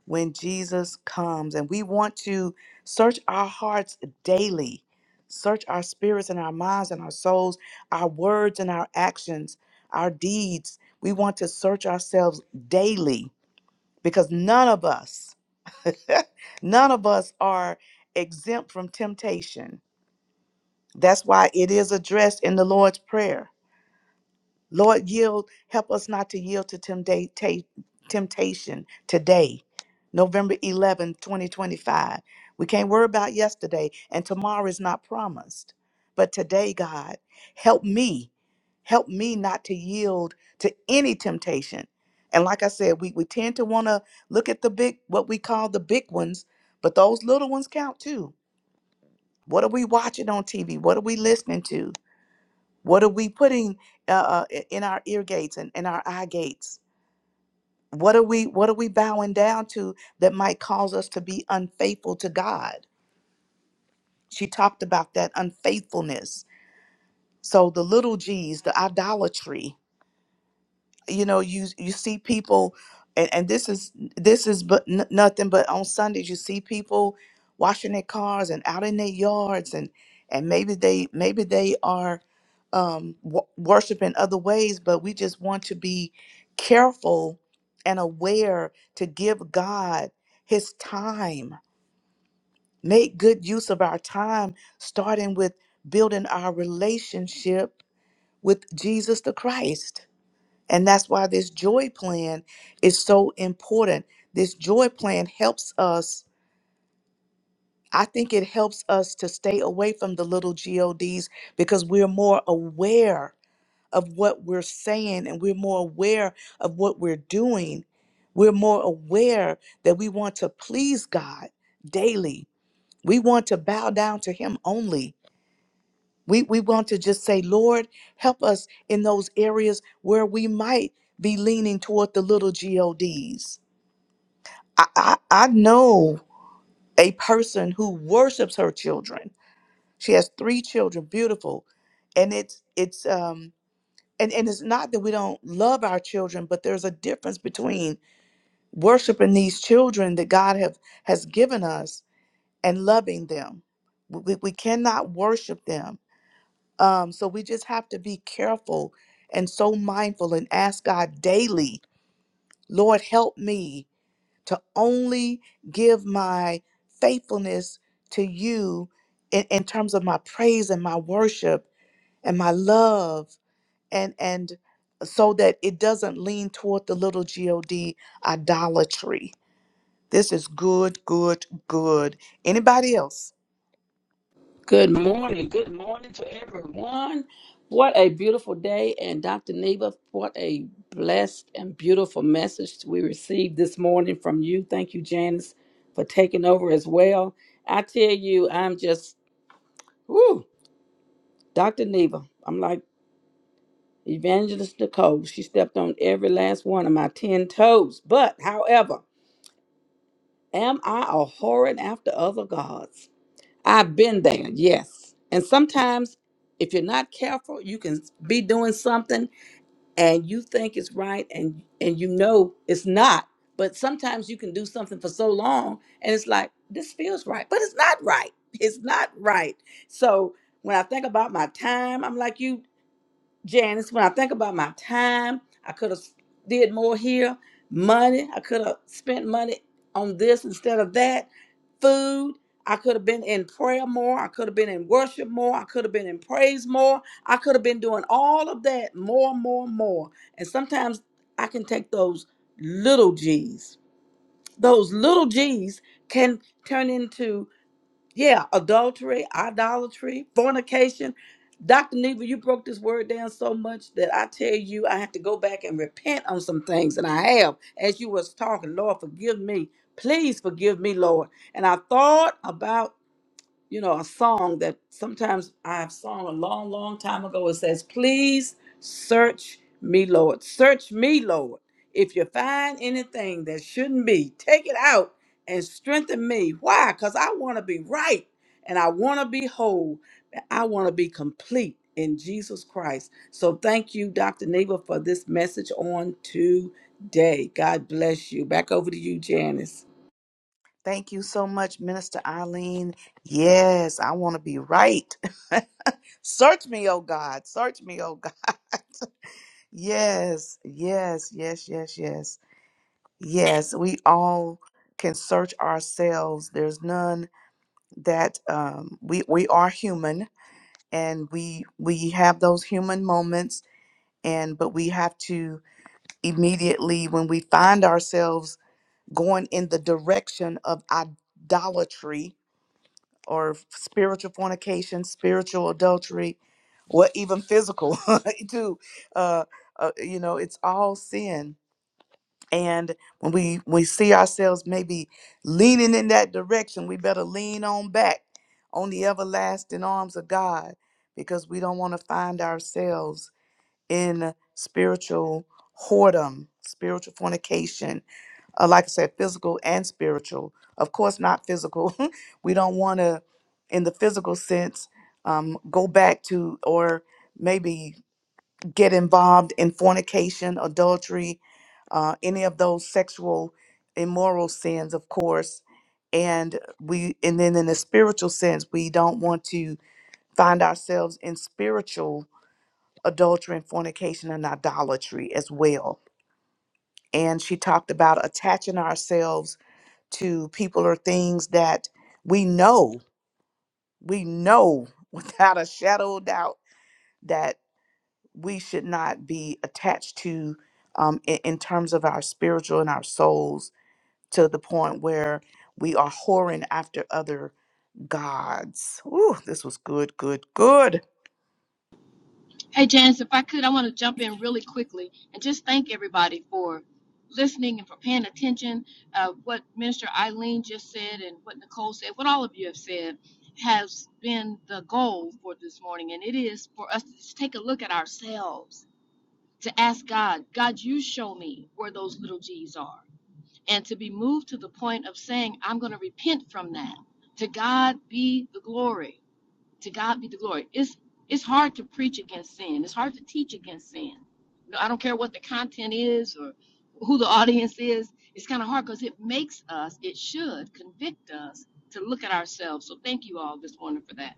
Speaker 3: when Jesus comes. And we want to search our hearts daily, search our spirits and our minds and our souls, our words and our actions, our deeds. We want to search ourselves daily because none of us, none of us are exempt from temptation. That's why it is addressed in the Lord's Prayer. Lord, yield, help us not to yield to tempta- ta- temptation today, November 11, 2025. We can't worry about yesterday, and tomorrow is not promised. But today, God, help me, help me not to yield to any temptation. And like I said, we, we tend to want to look at the big, what we call the big ones, but those little ones count too. What are we watching on TV? What are we listening to? What are we putting uh, uh, in our ear gates and in our eye gates? What are we What are we bowing down to that might cause us to be unfaithful to God? She talked about that unfaithfulness. So the little G's, the idolatry, you know you you see people and, and this is this is but n- nothing but on sundays you see people washing their cars and out in their yards and and maybe they maybe they are um w- worshiping other ways but we just want to be careful and aware to give god his time make good use of our time starting with building our relationship with jesus the christ and that's why this joy plan is so important. This joy plan helps us. I think it helps us to stay away from the little GODs because we're more aware of what we're saying and we're more aware of what we're doing. We're more aware that we want to please God daily. We want to bow down to Him only We, we want to just say, Lord, help us in those areas where we might be leaning toward the little GODs. I, I, I know a person who worships her children. She has three children, beautiful. And it's it's um and, and it's not that we don't love our children, but there's a difference between worshiping these children that God have has given us and loving them. we we cannot worship them Um, so we just have to be careful and so mindful and ask God daily, Lord, help me to only give my faithfulness to you in, in terms of my praise and my worship and my love and and so that it doesn't lean toward the little god idolatry this is good good good anybody else
Speaker 6: Good morning. Good morning to everyone. What a beautiful day. And Dr. Neva, what a blessed and beautiful message we received this morning from you. Thank you, Janice, for taking over as well. I tell you, I'm just, whoo, Dr. Neva. I'm like Evangelist Nicole. She stepped on every last one of my 10 toes. But, however, am I a whoring after other gods? I've been there, yes. And sometimes, if you're not careful, you can be doing something and you think it's right, and and you know it's not. But sometimes you can do something for so long, and it's like this feels right, but it's not right. It's not right. So when I think about my time, I'm like you. Janice, when I think about my time, I could have did more here. Money, I could have spent money on this instead of that. Food, I could have been in prayer more. I could have been in worship more. I could have been in praise more. I could have been doing all of that more, more, more. And sometimes I can take those little G's. Those little G's can turn into yeah, adultery, idolatry, fornication. Dr. Neva, you broke this word down so much that I tell you I have to go back and repent on some things. And I have, as you was talking, Lord, forgive me. Please forgive me, Lord. And I thought about you know, a song that sometimes I have sung a long, long time ago. It says, Please search me, Lord. Search me, Lord. If you find anything that shouldn't be, take it out and strengthen me. Why? Because I want to be right and I want to be whole. and I want to be complete in Jesus Christ. So thank you, Dr. Neva, for this message on today. God bless you. Back over to you, Janice.
Speaker 3: thank you so much minister eileen yes i want to be right Search me, oh God. Search me, oh God. Yes, yes, yes, yes, yes. Yes, we all can search ourselves. There's none that um we we are human and we we have those human moments and but we have to immediately when we find ourselves going in the direction of idolatry or spiritual fornication, spiritual adultery, what even physical too. Uh, uh, you know, it's all sin. And when we we see ourselves maybe leaning in that direction, we better lean on back on the everlasting arms of God because we don't want to find ourselves in spiritual whoredom, spiritual fornication, uh, like I said, physical and spiritual. Of course, not physical. we don't want to, in the physical sense, um, go back to or maybe get involved in fornication, adultery, uh, any of those sexual immoral sins, of course. And we, and then in the spiritual sense, we don't want to find ourselves in spiritual adultery and fornication and idolatry as well. And she talked about attaching ourselves to people or things that we know, we know without a shadow of doubt that we should not be attached to um, in, in terms of our spiritual and our souls to the point where we are whoring after other gods. Ooh, this was good, good, good.
Speaker 4: Hey, Janice, if I could, I want to jump in really quickly and just thank everybody for listening and for paying attention. Uh, what Minister Eileen just said and what Nicole said, what all of you have said, has been the goal for this morning. And it is for us to just take a look at ourselves, to ask God, God, you show me where those little G's are. and to be moved to the point of saying, I'm going to repent from that. To God be the glory. To God be the glory. It's it's hard to preach against sin. It's hard to teach against sin. No, I don't care what the content is or who the audience is. It's kind of hard because it makes us, it should convict us to look at ourselves. So thank you all this morning for that.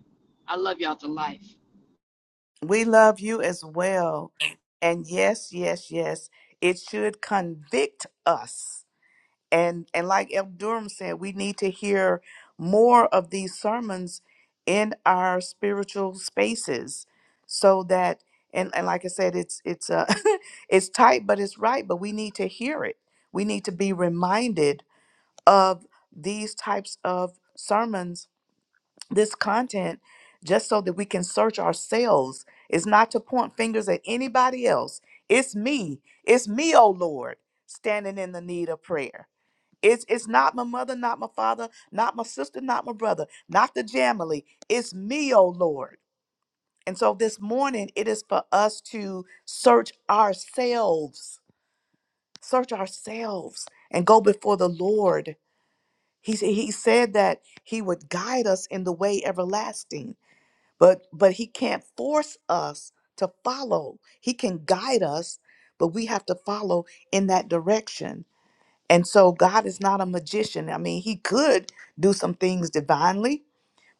Speaker 4: I love y'all to life.
Speaker 3: We love you as well. And yes, yes, yes, it should convict us and and like El Durham said, we need to hear more of these sermons in our spiritual spaces, so that and and like I said, it's it's uh it's tight, but it's right. But we need to hear it. We need to be reminded of these types of sermons, this content, just so that we can search ourselves. It's not to point fingers at anybody else. It's me. It's me, oh Lord, standing in the need of prayer it's it's not my mother, not my father, not my sister, not my brother, not the family. It's me, oh Lord. And so this morning it is for us to search ourselves, search ourselves and go before the Lord. He, s- he said that he would guide us in the way everlasting, but but he can't force us to follow. He can guide us, but we have to follow in that direction. And so God is not a magician. I mean, he could do some things divinely,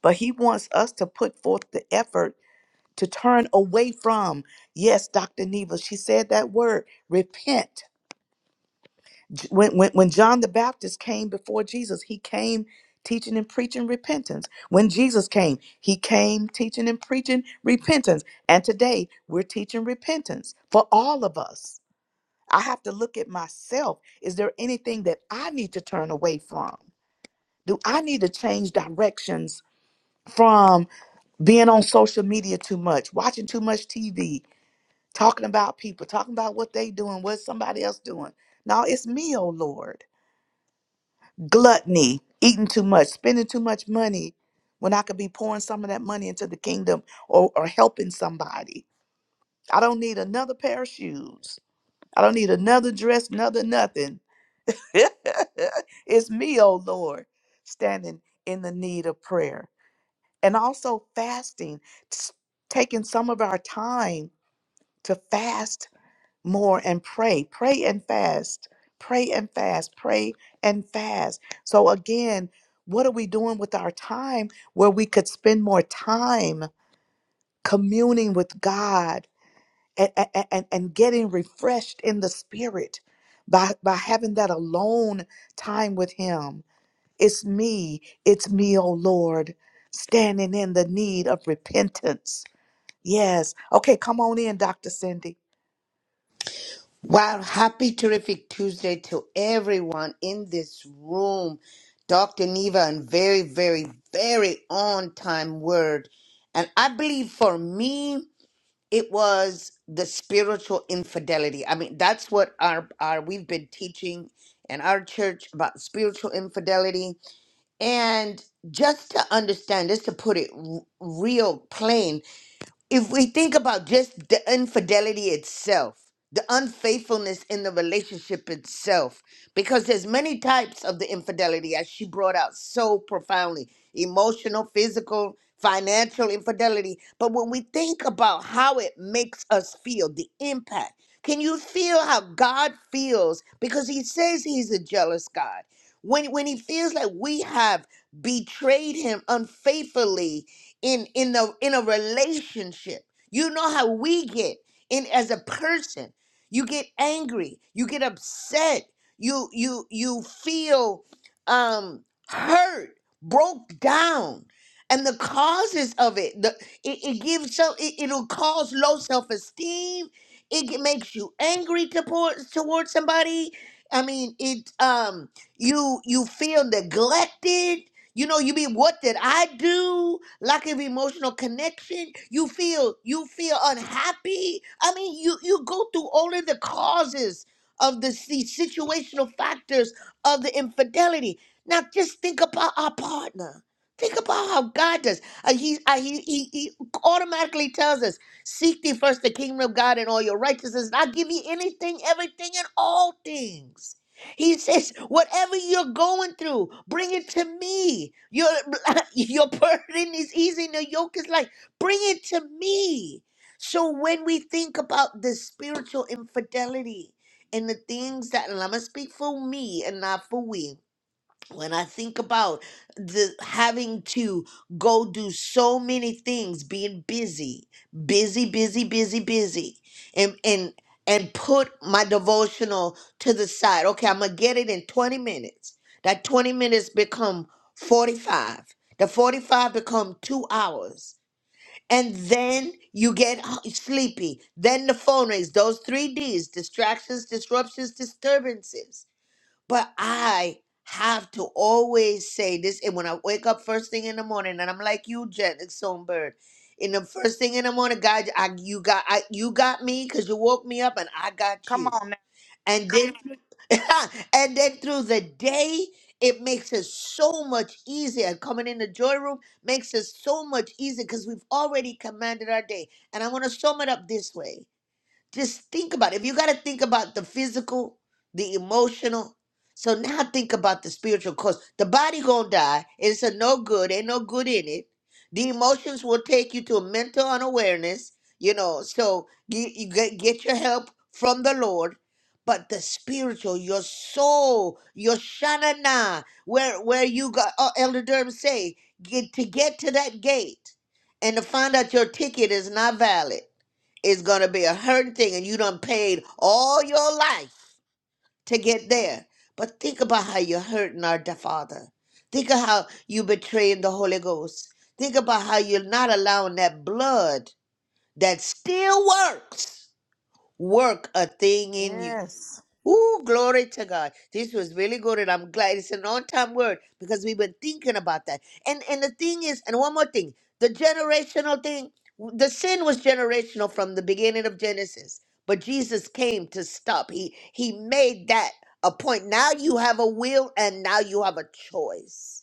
Speaker 3: but he wants us to put forth the effort to turn away from. Yes, Dr. Neva, she said that word, repent. J- When, when, when John the Baptist came before Jesus, he came teaching and preaching repentance. When Jesus came, he came teaching and preaching repentance. And today we're teaching repentance for all of us. I have to look at myself. Is there anything that I need to turn away from? Do I need to change directions from being on social media too much, watching too much TV, talking about people, talking about what they doing, what somebody else doing? No, it's me, oh Lord. Gluttony, eating too much, spending too much money when I could be pouring some of that money into the kingdom or, or helping somebody. I don't need another pair of shoes. I don't need another dress, another nothing. it's me, oh Lord, standing in the need of prayer. and also fasting, s- taking some of our time to fast more and pray, pray and fast, pray and fast, pray and fast. So, again, what are we doing with our time where we could spend more time communing with God and, and, and, and getting refreshed in the spirit by, by having that alone time with Him? It's me, it's me, oh Lord, standing in the need of repentance. Yes. Okay, come on in, Dr. Cindy.
Speaker 2: Wow. Happy, terrific Tuesday to everyone in this room. Dr. Neva, and very, very, very on time word. And I believe for me, it was the spiritual infidelity. I mean, that's what our, our we've been teaching in our church about spiritual infidelity. And just to understand, just to put it r- real plain, if we think about just the infidelity itself, the unfaithfulness in the relationship itself, because there's many types of the infidelity as she brought out so profoundly, emotional, physical, financial infidelity. But when we think about how it makes us feel, the impact, can you feel how God feels? Because he says he's a jealous God. When when he feels like we have betrayed him unfaithfully, in in the in a relationship. You know how we get in as a person. You get angry, you get upset, you you you feel um hurt, broke down. And the causes of it, the it, it gives so it, it'll cause low self-esteem. It ge- makes you angry towards towards somebody. I mean, it um you you feel neglected you know, you be what did I do? Lack of emotional connection. You feel you feel unhappy. I mean, you you go through all of the causes of the, the situational factors of the infidelity. Now, just think about our partner. Think about how God does. Uh, he, uh, he he he automatically tells us, "Seek thee first the kingdom of God and all your righteousness, and I'll give you anything, everything, and all things." He says, whatever you're going through, bring it to me. Your, your burden is easy and your yoke is light. Bring it to me. So when we think about the spiritual infidelity and the things that, and I'm going to speak for me and not for we, when I think about the having to go do so many things, being busy, busy, busy, busy, busy, and and and put my devotional to the side. Okay, I'm gonna get it in 20 minutes. That 20 minutes become 45. The 45 become two hours. And then you get h- sleepy. Then the phone rings. Those three D's distractions, disruptions, disturbances but I have to always say this. And when I wake up first thing in the morning, and I'm like you, Jen Songbird, in the first thing in the morning, God, I, you got I, you got me because you woke me up, and I got
Speaker 3: Come
Speaker 2: you.
Speaker 3: on now.
Speaker 2: And then, and then through the day, it makes it so much easier. Coming in the joy room makes it so much easier because we've already commanded our day. And I want to sum it up this way. Just think about it. If you got to think about the physical, the emotional, so now think about the spiritual cause. The body gonna die. It's a no good. Ain't no good in it. The emotions will take you to a mental unawareness. You know, so you, you get get your help from the Lord. But the spiritual, your soul, your shanana, where where you got uh, Elder Durham say get to get to that gate and to find out your ticket is not valid is going to be a hurting thing and you done paid all your life to get there. But think about how you're hurting our da- Father. Think of how you betraying the Holy Ghost. Think about how you're not allowing that blood that still works work a thing in you.
Speaker 3: Yes.
Speaker 2: Ooh, glory to God. This was really good, and I'm glad it's an on-time word because we've been thinking about that. And and the thing is, and one more thing, the generational thing, the sin was generational from the beginning of Genesis. But Jesus came to stop. He he made that a point. Now you have a will and now you have a choice.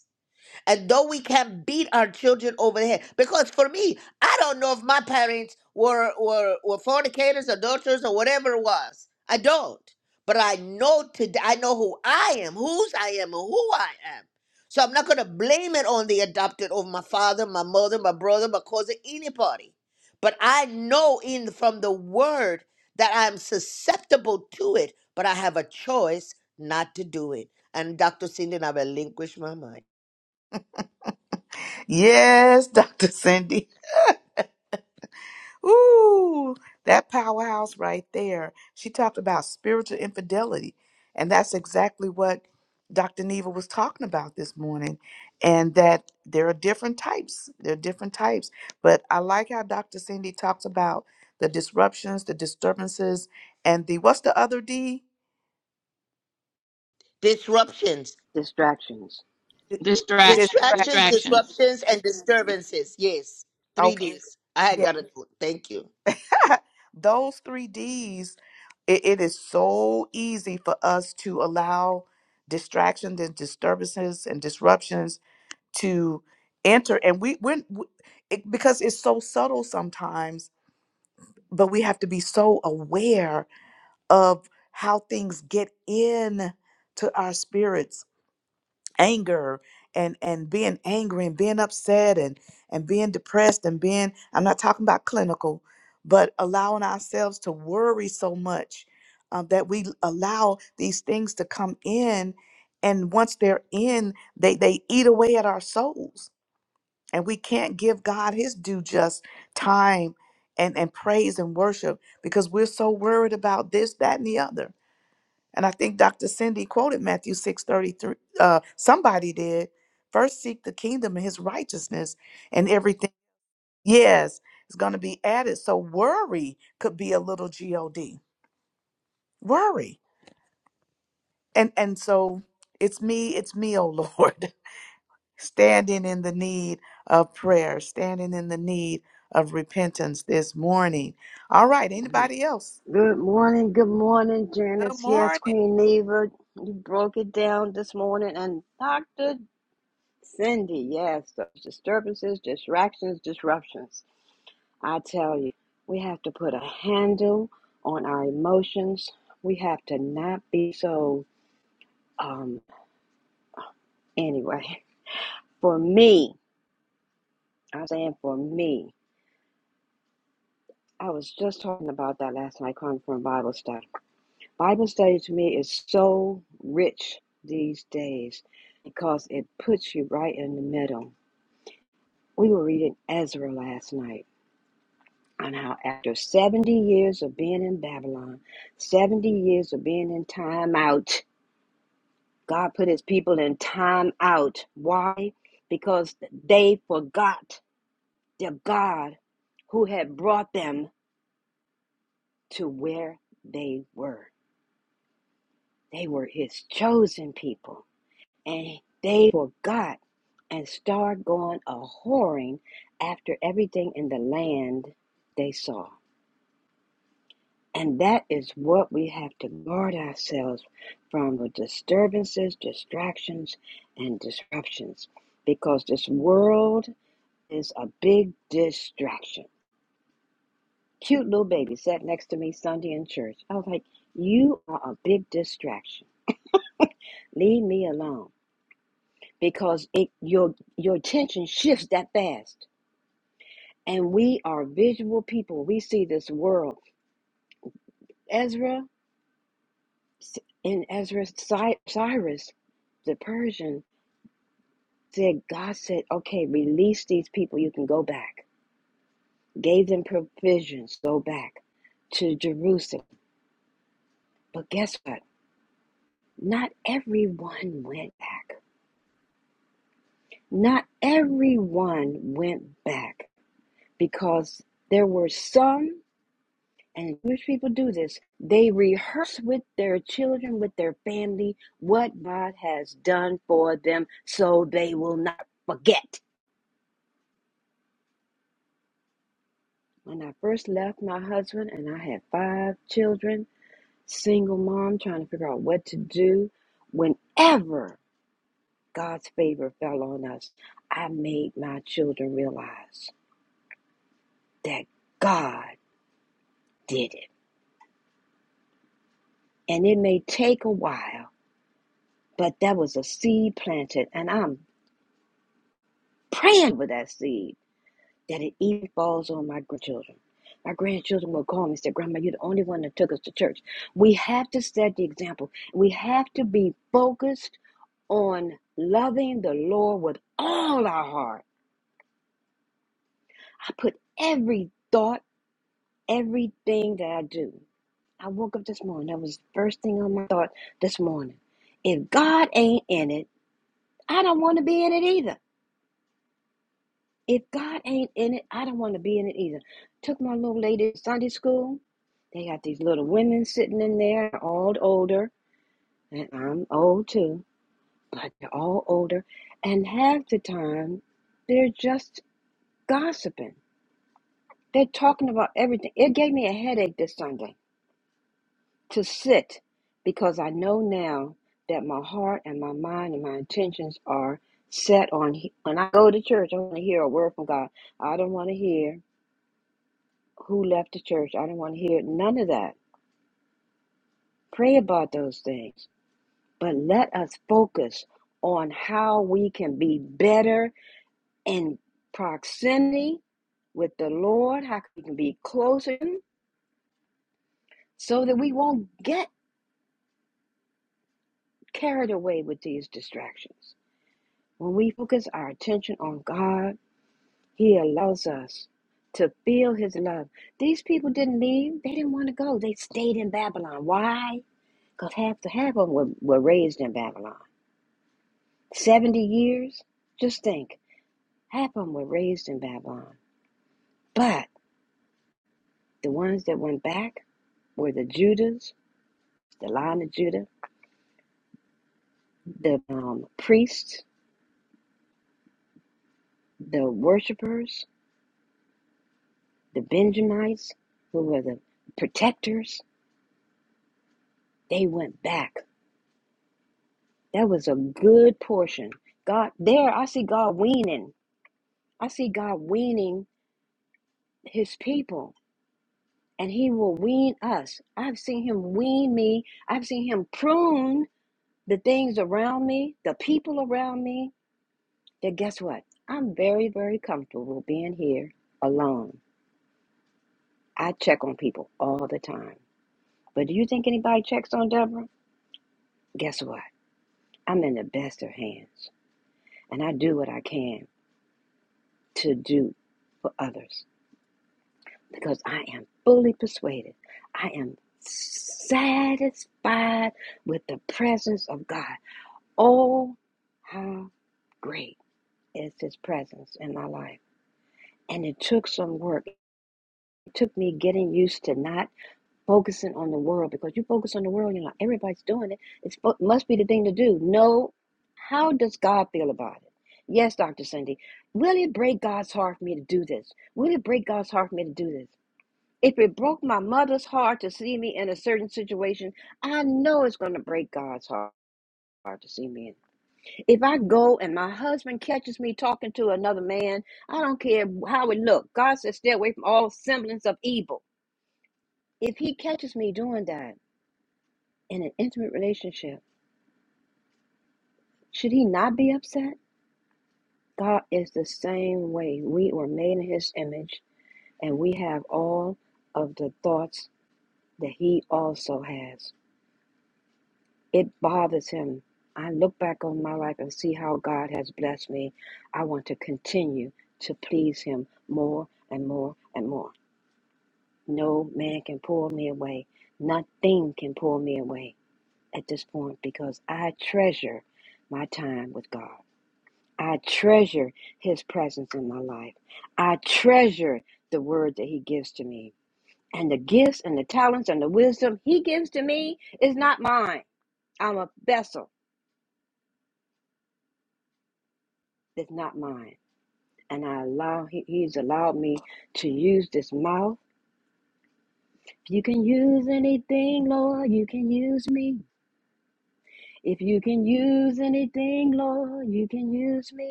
Speaker 2: And though we can beat our children over the head, because for me, I don't know if my parents were were, were fornicators, adulterers, or whatever it was. I don't. But I know today I know who I am, whose I am, and who I am. So I'm not gonna blame it on the adopted over my father, my mother, my brother, my cousin, anybody. But I know in from the word that I'm susceptible to it, but I have a choice not to do it. And Dr. Cindy, I relinquish my mind.
Speaker 3: Yes, Dr. Cindy. Ooh, that powerhouse right there. She talked about spiritual infidelity. And that's exactly what Dr. Neva was talking about this morning. And that there are different types. There are different types. But I like how Dr. Cindy talks about the disruptions, the disturbances, and the what's the other D?
Speaker 2: Disruptions,
Speaker 3: Distract.
Speaker 2: distractions,
Speaker 4: Yes,
Speaker 2: disruptions, and disturbances. Yes, three
Speaker 3: Okay.
Speaker 2: Ds. I
Speaker 3: yeah.
Speaker 2: had got it. Thank you.
Speaker 3: Those three D's, it, it is so easy for us to allow distractions and disturbances and disruptions to enter. And we, we're, we, it, because it's so subtle sometimes, but we have to be so aware of how things get in to our spirits anger and and being angry and being upset and and being depressed and being i'm not talking about clinical but allowing ourselves to worry so much um, that we allow these things to come in and once they're in they they eat away at our souls and we can't give god his due just time and and praise and worship because we're so worried about this that and the other and I think Dr. Cindy quoted Matthew 6:33. Uh, somebody did. First seek the kingdom and his righteousness and everything. Yes, is going to be added. So worry could be a little G-O-D. Worry. And and so it's me, it's me, oh Lord, standing in the need of prayer, standing in the need of repentance this morning. All right, anybody else? Good morning.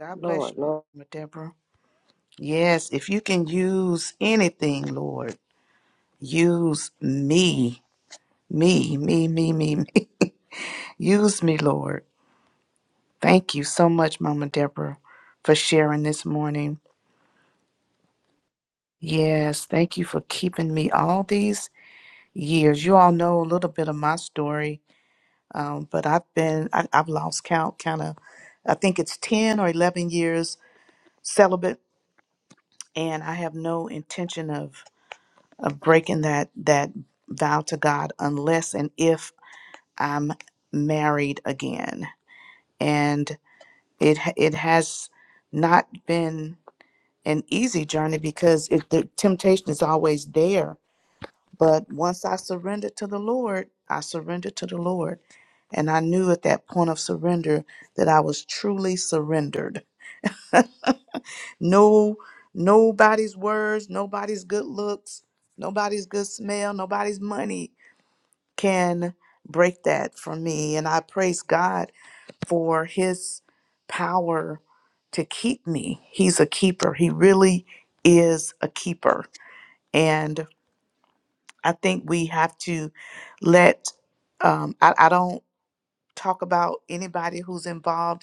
Speaker 3: God bless you, Deborah. Yes, if you can use anything, Lord, use me, me, me, me, me, me. Use me, Lord. Thank you so much, Mama Deborah, for sharing this morning. Yes, thank you for keeping me all these years. You all know a little bit of my story, um, but I've been, I, I've lost count, kind of, I think it's 10 or 11 years celibate, and I have no intention of of breaking that that vow to God unless and if I'm married again. And it ha- it has not been an easy journey because it, the temptation is always there. But once I surrendered to the Lord, I surrendered to the Lord, and I knew at that point of surrender that I was truly surrendered. no, nobody's words, nobody's good looks, nobody's good smell, nobody's money can break that for me. And I praise God for his power to keep me. He's a keeper. He really is a keeper. And I think we have to let, um, I, I don't talk about anybody who's involved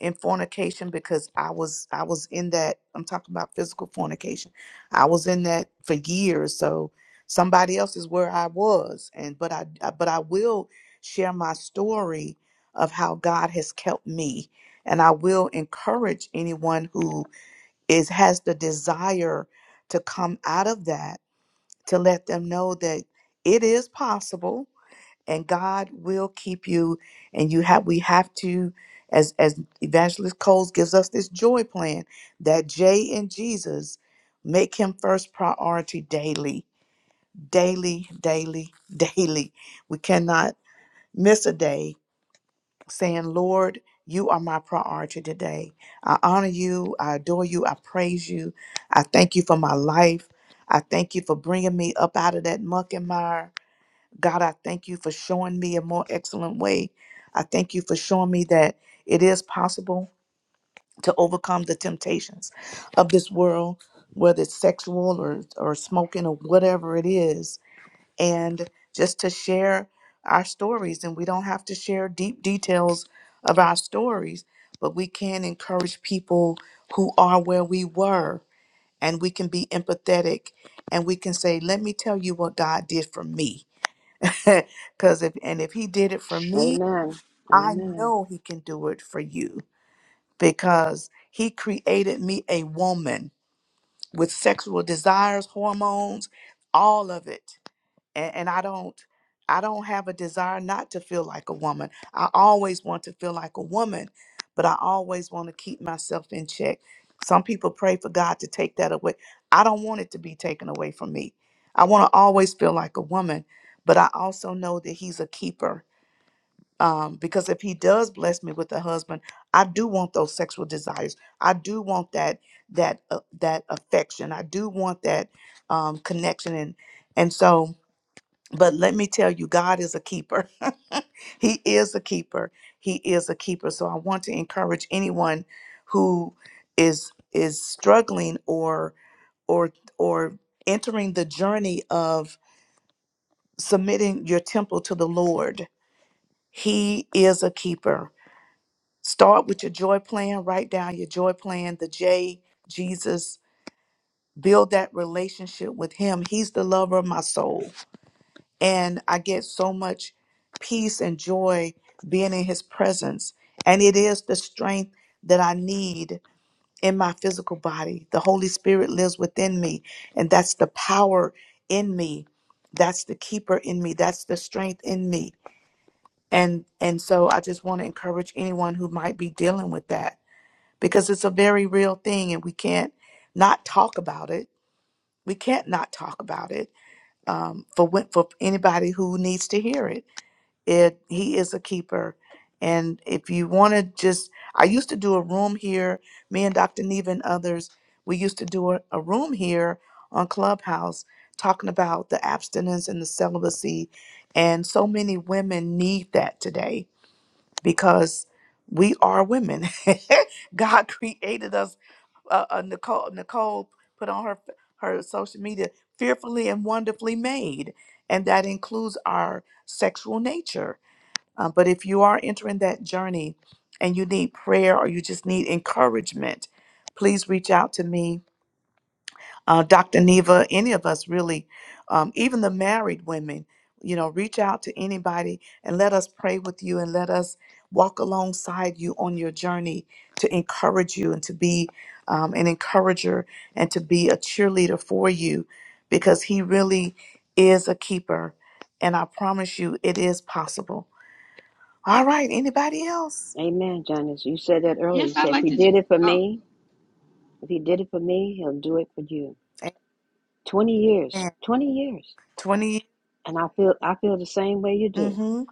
Speaker 3: in fornication because I was I was in that I'm talking about physical fornication. I was in that for years. So somebody else is where I was and but I but I will share my story of how God has kept me and I will encourage anyone who is has the desire to come out of that to let them know that it is possible and God will keep you. And you have we have to, as as Evangelist Coles gives us this joy plan, that J in Jesus, make him first priority daily, daily, daily, daily. We cannot miss a day saying, Lord, you are my priority today. I honor you. I adore you. I praise you. I thank you for my life. I thank you for bringing me up out of that muck and mire. God, I thank you for showing me a more excellent way. I thank you for showing me that it is possible to overcome the temptations of this world, whether it's sexual or, or smoking or whatever it is, and just to share our stories. And we don't have to share deep details of our stories, but we can encourage people who are where we were, and we can be empathetic and we can say, Let me tell you what God did for me Because if and if he did it for me, I know he can do it for you because he created me a woman with sexual desires, hormones, all of it. And, and I don't I don't have a desire not to feel like a woman. I always want to feel like a woman, but I always want to keep myself in check. Some people pray for God to take that away. I don't want it to be taken away from me. I want to always feel like a woman, but I also know that he's a keeper um, because if he does bless me with a husband, I do want those sexual desires. I do want that that uh, that affection. I do want that um, connection, and and so. But let me tell you, God is a keeper. he is a keeper. He is a keeper. So I want to encourage anyone who is is struggling or or or entering the journey of submitting your temple to the Lord. He is a keeper Start with your joy plan, write down your joy plan, the J, Jesus, build that relationship with Him. He's the lover of my soul. And I get so much peace and joy being in His presence. And it is the strength that I need in my physical body. The Holy Spirit lives within me, and that's the power in me. That's the keeper in me. That's the strength in me. And and so I just want to encourage anyone who might be dealing with that because it's a very real thing and we can't not talk about it. We can't not talk about it um, for when- for anybody who needs to hear it. It he is a keeper, and if you want to just, I used to do a room here. Me and Dr. Neva and others, we used to do a, a room here on Clubhouse talking about the abstinence and the celibacy, and so many women need that today because we are women. God created us. Uh, uh, Nicole Nicole put on her her social media fearfully and wonderfully made, and that includes our sexual nature. Uh, but if you are entering that journey and you need prayer or you just need encouragement, please reach out to me uh, Dr. Neva, any of us really, um, even the married women, you know, reach out to anybody and let us pray with you and let us walk alongside you on your journey to encourage you and to be um, an encourager and to be a cheerleader for you because He really is a keeper. And I promise you, it is possible. All right. Anybody else?
Speaker 4: I'd like to. Ju- oh,
Speaker 3: Amen. 20. Mm-hmm.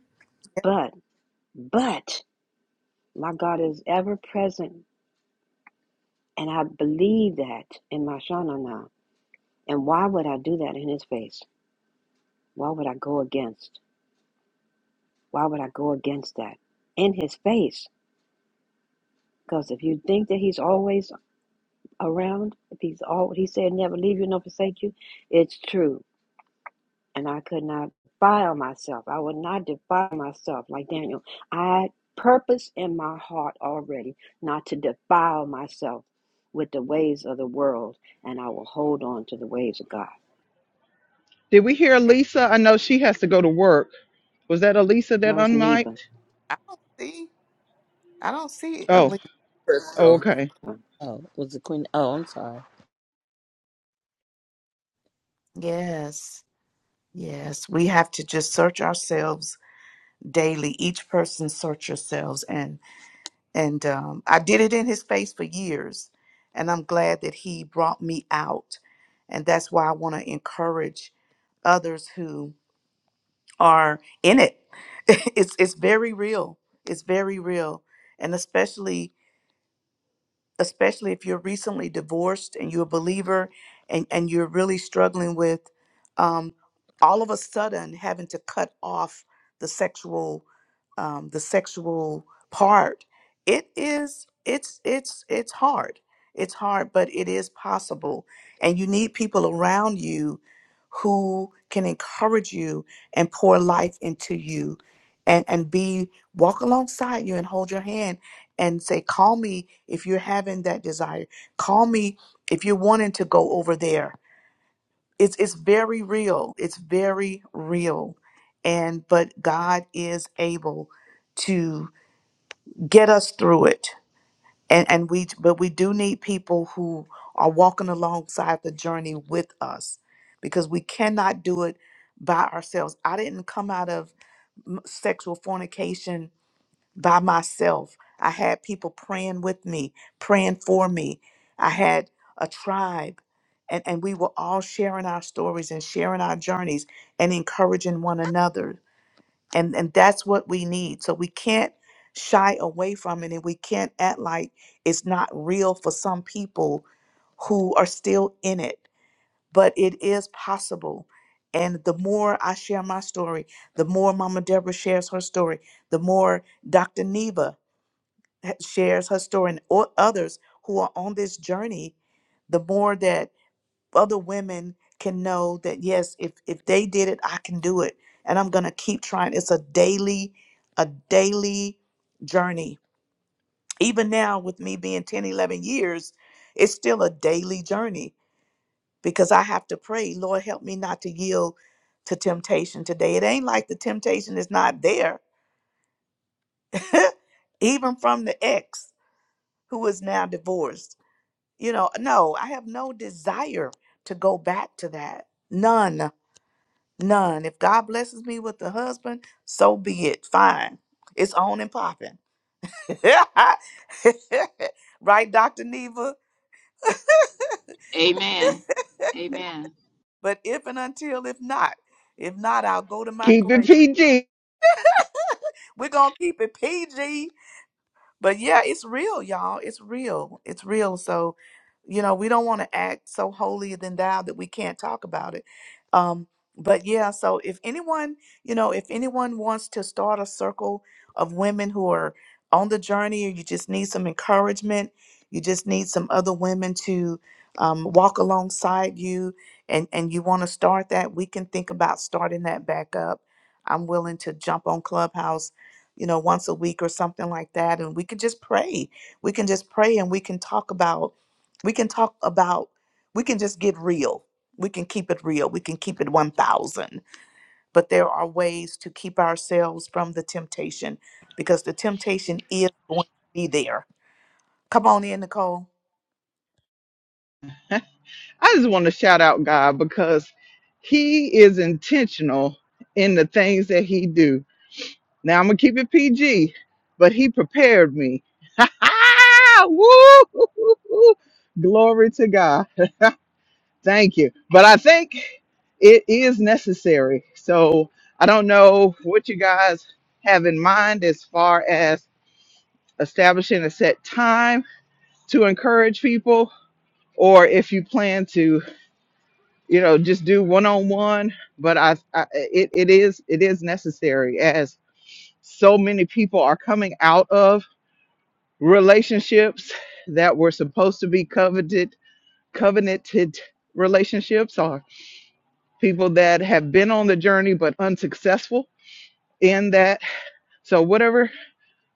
Speaker 1: Did we hear Lisa? I know she has to go to work. Was that Elisa that unmiked?
Speaker 3: I don't see. I don't see.
Speaker 1: Oh,
Speaker 3: Elise.
Speaker 1: oh,
Speaker 7: Crystal.
Speaker 1: okay.
Speaker 7: Oh, was it Queen? Oh, I'm sorry.
Speaker 3: Yes. Yes, we have to just search ourselves daily. Each person search yourselves, and and um, I did it in His face for years, and I'm glad that He brought me out, and that's why I want to encourage others who are in it. it's it's very real. It's very real, and especially especially if you're recently divorced and you're a believer and, and you're really struggling with um, all of a sudden having to cut off the sexual um, the sexual part it is it's it's it's hard it's hard but it is possible and you need people around you who can encourage you and pour life into you and and be walk alongside you and hold your hand and say, Call me if you're having that desire. Call me if you're wanting to go over there. It's it's very real. It's very real. And but God is able to get us through it. And and we but we do need people who are walking alongside the journey with us because we cannot do it by ourselves. I didn't come out of m- sexual fornication by myself. I had people praying with me, praying for me. I had a tribe, and, and we were all sharing our stories and sharing our journeys and encouraging one another. And, and that's what we need. So we can't shy away from it, and we can't act like it's not real for some people who are still in it. But it is possible. And the more I share my story, the more Mama Deborah shares her story, the more Dr. Neva ha- shares her story and o- others who are on this journey, the more that other women can know that yes, if if they did it, I can do it, and I'm gonna keep trying. It's a daily, a daily journey. Even now, with me being 10, 11 years, it's still a daily journey because I have to pray, Lord, help me not to yield to temptation today. It ain't like the temptation is not there, even from the ex who is now divorced you know no i have no desire to go back to that none none if god blesses me with a husband so be it fine it's on and popping right dr neva
Speaker 4: amen. Amen.
Speaker 3: but if and until if not if not i'll go to my
Speaker 1: Keep it
Speaker 3: grave
Speaker 1: PG.
Speaker 3: we're gonna keep it pg But yeah, it's real, y'all. It's real. It's real. So, you know, we don't want to act so holier than thou that we can't talk about it. Um, but yeah, so if anyone, you know, if anyone wants to start a circle of women who are on the journey or you just need some encouragement, you just need some other women to um, walk alongside you and, and you want to start that, we can think about starting that back up. I'm willing to jump on Clubhouse you know, once a week or something like that. And we could just pray. We can just pray and we can talk about, we can talk about, we can just get real. We can keep it real. We can keep it 1,000. But there are ways to keep ourselves from the temptation because the temptation is going to be there. Come on in, Nicole.
Speaker 1: I just want to shout out God because He is intentional in the things that He do. Now I'm gonna keep it PG, but He prepared me. Woo! Glory to God. Thank you. But I think it is necessary. So I don't know what you guys have in mind as far as establishing a set time to encourage people or if you plan to you know just do one-on-one but i, I it, it is it is necessary as so many people are coming out of relationships that were supposed to be coveted covenanted relationships or people that have been on the journey but unsuccessful in that so whatever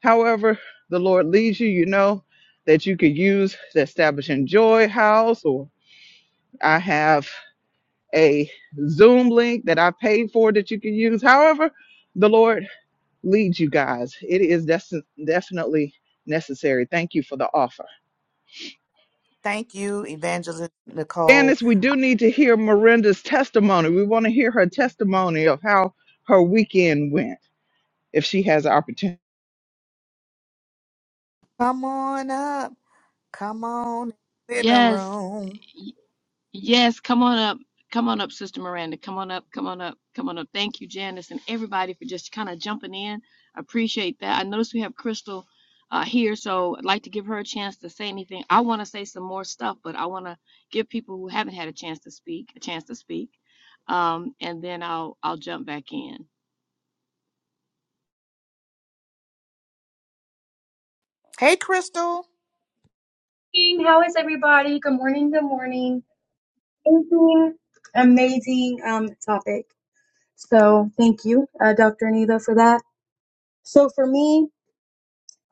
Speaker 1: however the Lord leads you, you know, that you could use the Establishing Joy House, or I have a Zoom link that I paid for that you can use. However, the Lord leads you guys. It is des- definitely necessary. Thank you for the offer.
Speaker 3: Thank you, Evangelist Nicole.
Speaker 1: Janice, we do need to hear Miranda's testimony. We want to hear her testimony of how her weekend went. if she has an opportunity.
Speaker 3: Come on up. Come on in the living
Speaker 4: Yes.
Speaker 3: room.
Speaker 4: Yes, come on up. Come on up, Sister Miranda. Come on up. Come on up. Come on up. Thank you, Janice, and everybody for just kind of jumping in. I appreciate that. I notice we have Crystal uh, here, so I'd like to give her a chance to say anything. I want to say some more stuff, but I want to give people who haven't had a chance to speak a chance to speak, um, and then I'll I'll jump back in.
Speaker 3: Hey, Crystal.
Speaker 8: How is everybody? Good morning. Good morning. Amazing, amazing um, topic. So thank you, uh, Dr. Anita, for that. So for me,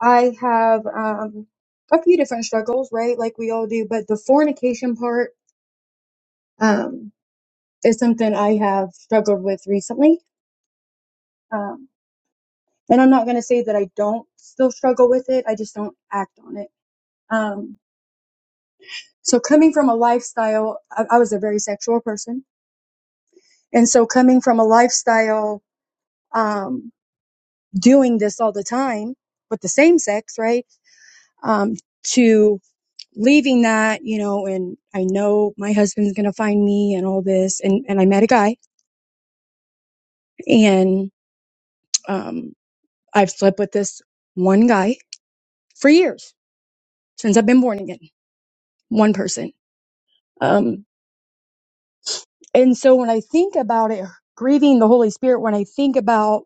Speaker 8: I have um, a few different struggles, right? Like we all do, but the fornication part um, is something I have struggled with recently. Um, and I'm not going to say that I don't still struggle with it. I just don't act on it. Um, so coming from a lifestyle, I, I was a very sexual person. And so coming from a lifestyle um, doing this all the time with the same sex, right? Um, to leaving that, you know, and I know my husband's going to find me and all this. And, and I met a guy and, um, I've slept with this one guy for years since I've been born again, one person. Um, and so when I think about it, grieving the Holy Spirit, when I think about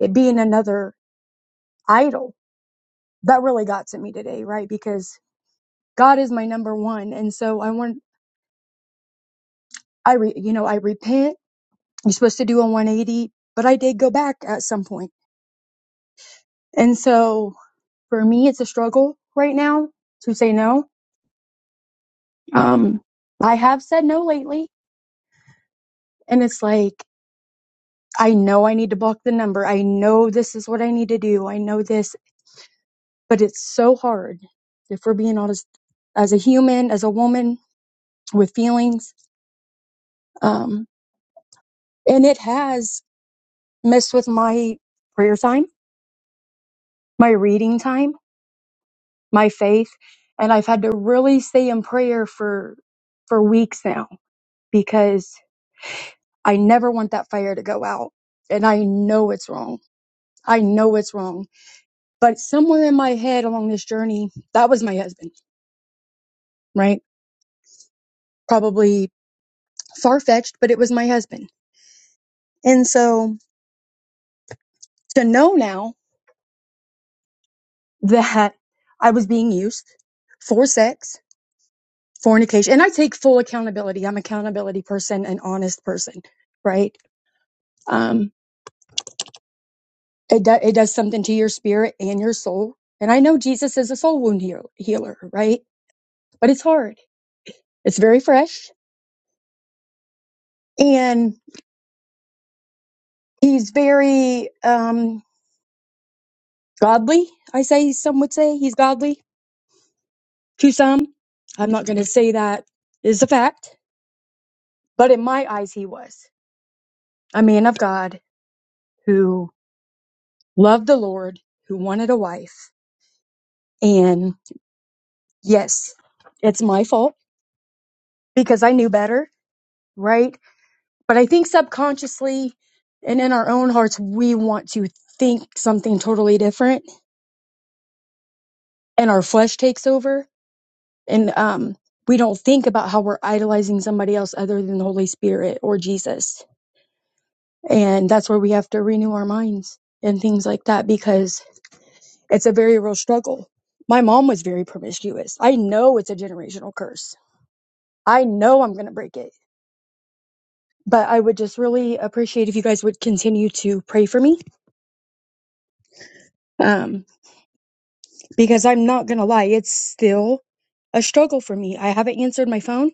Speaker 8: it being another idol, that really got to me today, right? Because God is my number one. And so I want. I, re, you know, I repent. You're supposed to do a 180, but I did go back at some point. And so for me, it's a struggle right now to say no. Um, I have said no lately, and it's like, I know I need to block the number. I know this is what I need to do. I know this, but it's so hard. If we're being honest, as a human, as a woman with feelings, um, and it has messed with my prayer time, my reading time my faith and I've had to really stay in prayer for for weeks now because I never want that fire to go out and I know it's wrong. I know it's wrong. But somewhere in my head along this journey, that was my husband, right? Probably far-fetched, but it was my husband. And so to know now that I was being used for sex, fornication, and I take full accountability. I'm an accountability person, an honest person, right? Um, it, do, it does something to your spirit and your soul. And I know Jesus is a soul wound heal, healer, right? But it's hard. It's very fresh, and he's very um, godly. I say some would say he's godly to some. I'm not going to say that is a fact, but in my eyes, he was a man of God who loved the Lord, who wanted a wife, and yes, it's my fault because I knew better, right? But I think subconsciously and in our own hearts, we want to think something totally different and our flesh takes over. And um, we don't think about how we're idolizing somebody else other than the Holy Spirit or Jesus. And that's where we have to renew our minds and things like that because it's a very real struggle. My mom was very promiscuous. I know it's a generational curse. I know I'm going to break it. But I would just really appreciate if you guys would continue to pray for me Um, because I'm not gonna lie, it's still a struggle for me. I haven't answered my phone,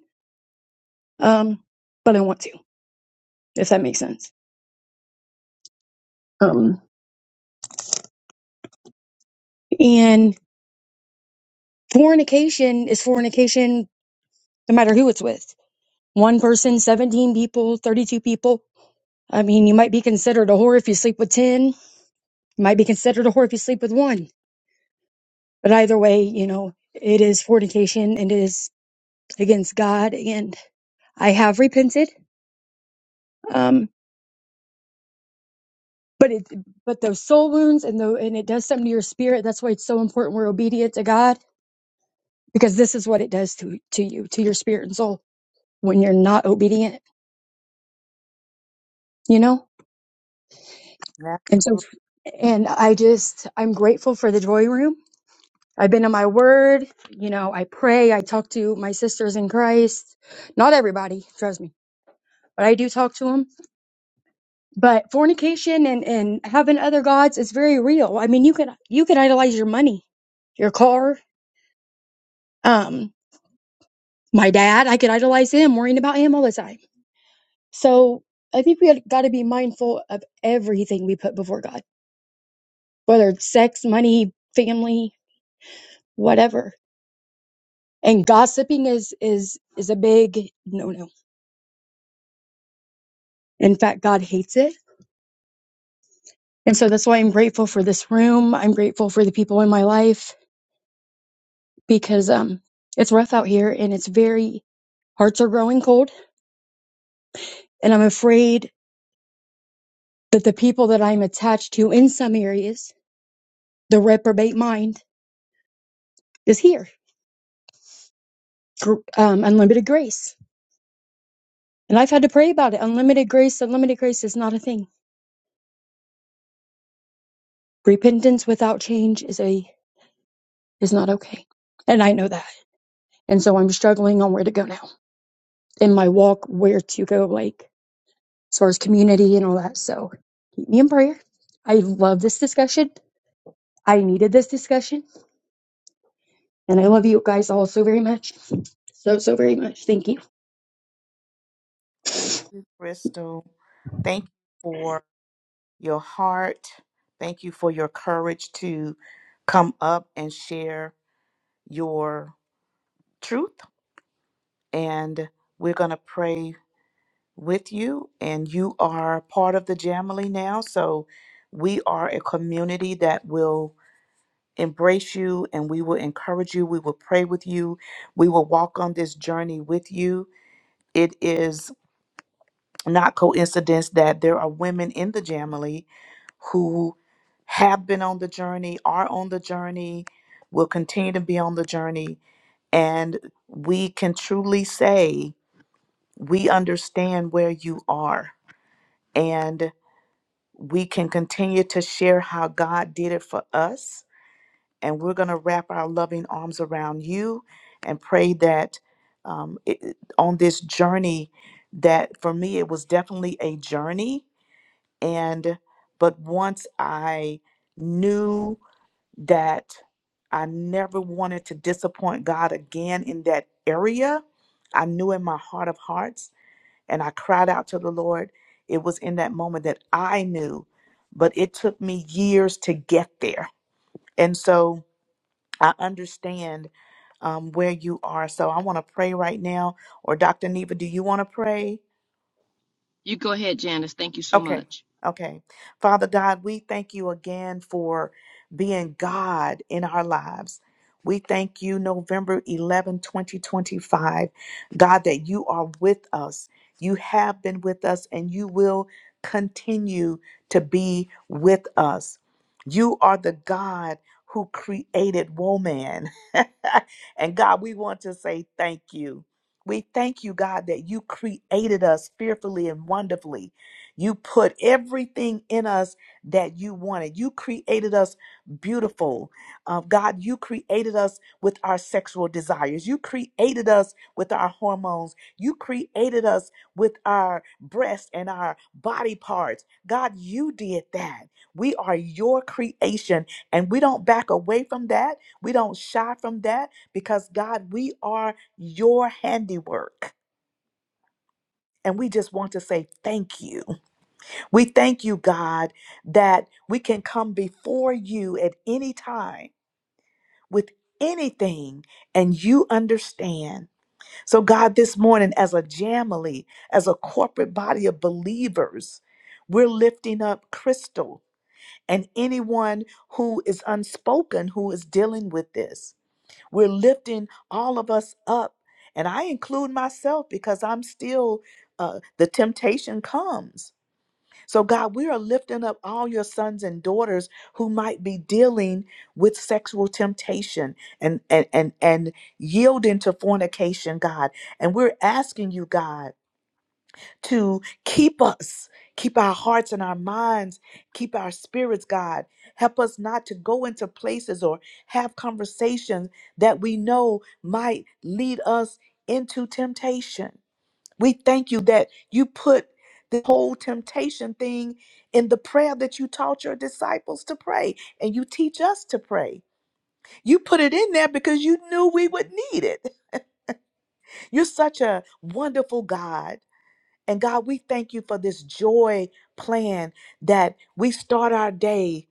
Speaker 8: um, but I want to, if that makes sense. Um, and fornication is fornication, no matter who it's with. One person, 17 people, 32 people. I mean, you might be considered a whore if you sleep with 10. You might be considered a whore if you sleep with one. But either way, you know, it is fornication and it is against God. And I have repented. Um, but it but those soul wounds and the and it does something to your spirit that's why it's so important we're obedient to god because this is what it does to to you to your spirit and soul when you're not obedient you know and
Speaker 3: Absolutely.
Speaker 8: so and i just i'm grateful for the joy room i've been in my word you know i pray i talk to my sisters in christ not everybody trust me but i do talk to them but fornication and and having other gods is very real i mean you can you can idolize your money your car um my dad, I could idolize him, worrying about him all the time. So I think we got to be mindful of everything we put before God, whether it's sex, money, family, whatever. And gossiping is is is a big no no. In fact, God hates it, and so that's why I'm grateful for this room. I'm grateful for the people in my life because um, it's rough out here, and it's very hearts are growing cold, and I'm afraid that the people that I'm attached to in some areas, the reprobate mind, is here gr- um, unlimited grace. And I've had to pray about it. Unlimited grace, unlimited grace is not a thing. Repentance without change is a is not okay. And I know that. And so I'm struggling on where to go now in my walk, where to go, like as far as community and all that. So keep me in prayer. I love this discussion. I needed this discussion. And I love you guys all so very much. So, so very much. Thank you.
Speaker 3: Thank you, Crystal. Thank you for your heart. Thank you for your courage to come up and share your truth. And we're going to pray with you. And you are part of the Jamily now. So we are a community that will embrace you and we will encourage you. We will pray with you. We will walk on this journey with you. It is not coincidence that there are women in the Jamily who have been on the journey, are on the journey, will continue to be on the journey. And we can truly say we understand where you are. And we can continue to share how God did it for us. And we're going to wrap our loving arms around you and pray that um, it, it- on this journey, that for me, it was definitely a journey. And but once I knew that I never wanted to disappoint God again in that area. I knew in my heart of hearts, and I cried out to the Lord. It was in that moment that I knew, but it took me years to get there. And so I understand um, where you are. So I want to pray right now. Or Dr. Neva, do you want to pray?
Speaker 4: You go ahead, Janice. Thank you so
Speaker 3: Okay.
Speaker 4: much.
Speaker 3: Okay. Father God, we thank you again for being God in our lives. We thank you, November 11, 2025, God, that you are with us. You have been with us and you will continue to be with us. You are the God who created woman. and God, we want to say thank you. We thank you, God, that you created us fearfully and wonderfully you put everything in us that you wanted. You created us beautiful. Uh, God, you created us with our sexual desires. You created us with our hormones. You created us with our breasts and our body parts. God, you did that. We are your creation, and we don't back away from that. We don't shy from that because, God, we are your handiwork. And we just want to say thank you. We thank you, God, that we can come before you at any time with anything and you understand. So, God, this morning, as a jamily, as a corporate body of believers, we're lifting up Crystal and anyone who is unspoken who is dealing with this. We're lifting all of us up. And I include myself because I'm still, uh, the temptation comes so, God, we are lifting up all your sons and daughters who might be dealing with sexual temptation and, and, and, and yielding to fornication, God. And we're asking you, God, to keep us, keep our hearts and our minds, keep our spirits, God. Help us not to go into places or have conversations that we know might lead us into temptation. We thank you that you put the whole temptation thing in the prayer that you taught your disciples to pray and you teach us to pray. You put it in there because you knew we would need it. You're such a wonderful God. And God, we thank you for this joy plan that we start our day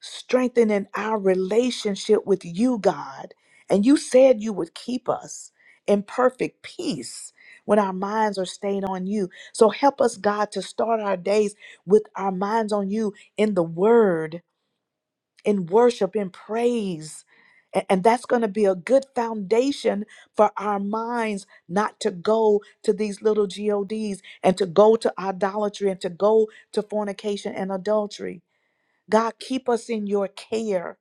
Speaker 3: strengthening our relationship with you, God. And you said you would keep us in perfect peace when our minds are stayed on you. So help us, God, to start our days with our minds on you in the word, in worship, in praise. A- And that's going to be a good foundation for our minds not to go to these little GODs and to go to idolatry and to go to fornication and adultery. God, keep us in your care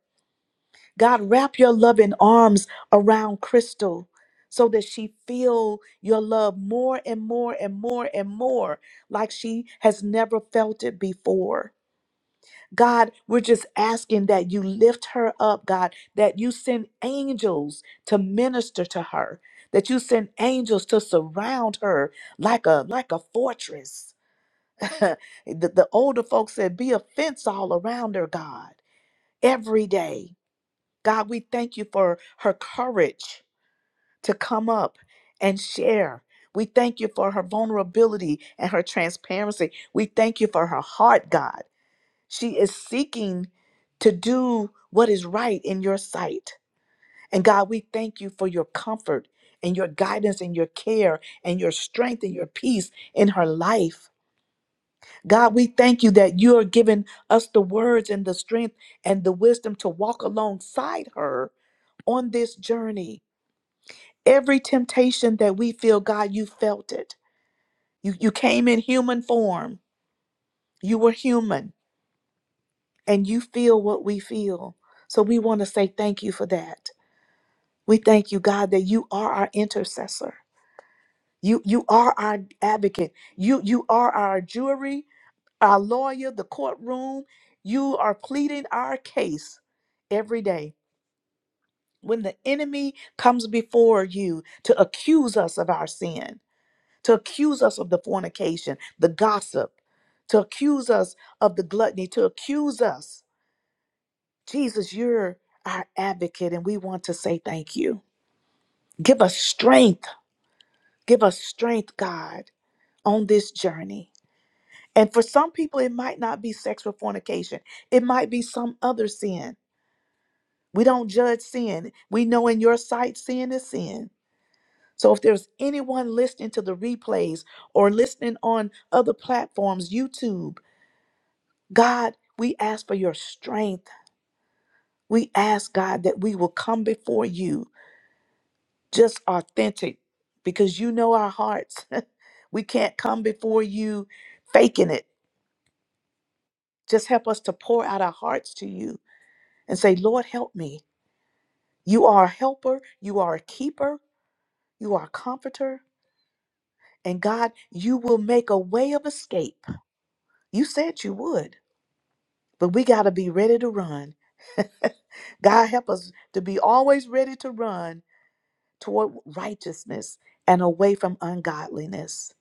Speaker 3: God, wrap your loving arms around Crystal so that she feel your love more and more and more and more like she has never felt it before. God, we're just asking that you lift her up, God, that you send angels to minister to her, that you send angels to surround her like a like a fortress. the, the older folks said be a fence all around her, God, every day God, we thank you for her courage to come up and share. We thank you for her vulnerability and her transparency. We thank you for her heart, God. She is seeking to do what is right in your sight. And God, we thank you for your comfort and your guidance and your care and your strength and your peace in her life. God, we thank you that you are giving us the words and the strength and the wisdom to walk alongside her on this journey. Every temptation that we feel, God, you felt it. You, you came in human form, you were human, and you feel what we feel. So we want to say thank you for that. We thank you, God, that you are our intercessor. You, you are our advocate. You, you are our jury our lawyer, the courtroom. You are pleading our case every day. When the enemy comes before you to accuse us of our sin, to accuse us of the fornication, the gossip, to accuse us of the gluttony, to accuse us, Jesus, you're our advocate, and we want to say thank you. Give us strength. Give us strength, God, on this journey. And for some people, it might not be sexual fornication, it might be some other sin We don't judge sin. We know in your sight, sin is sin. So if there's anyone listening to the replays or listening on other platforms, YouTube, God, we ask for your strength. We ask, God, that we will come before you just authentic because you know our hearts. we can't come before you faking it. Just help us to pour out our hearts to you and say, Lord, help me. You are a helper, you are a keeper, you are a comforter. And God, you will make a way of escape. You said you would, but we got to be ready to run. God, help us to be always ready to run toward righteousness and away from ungodliness.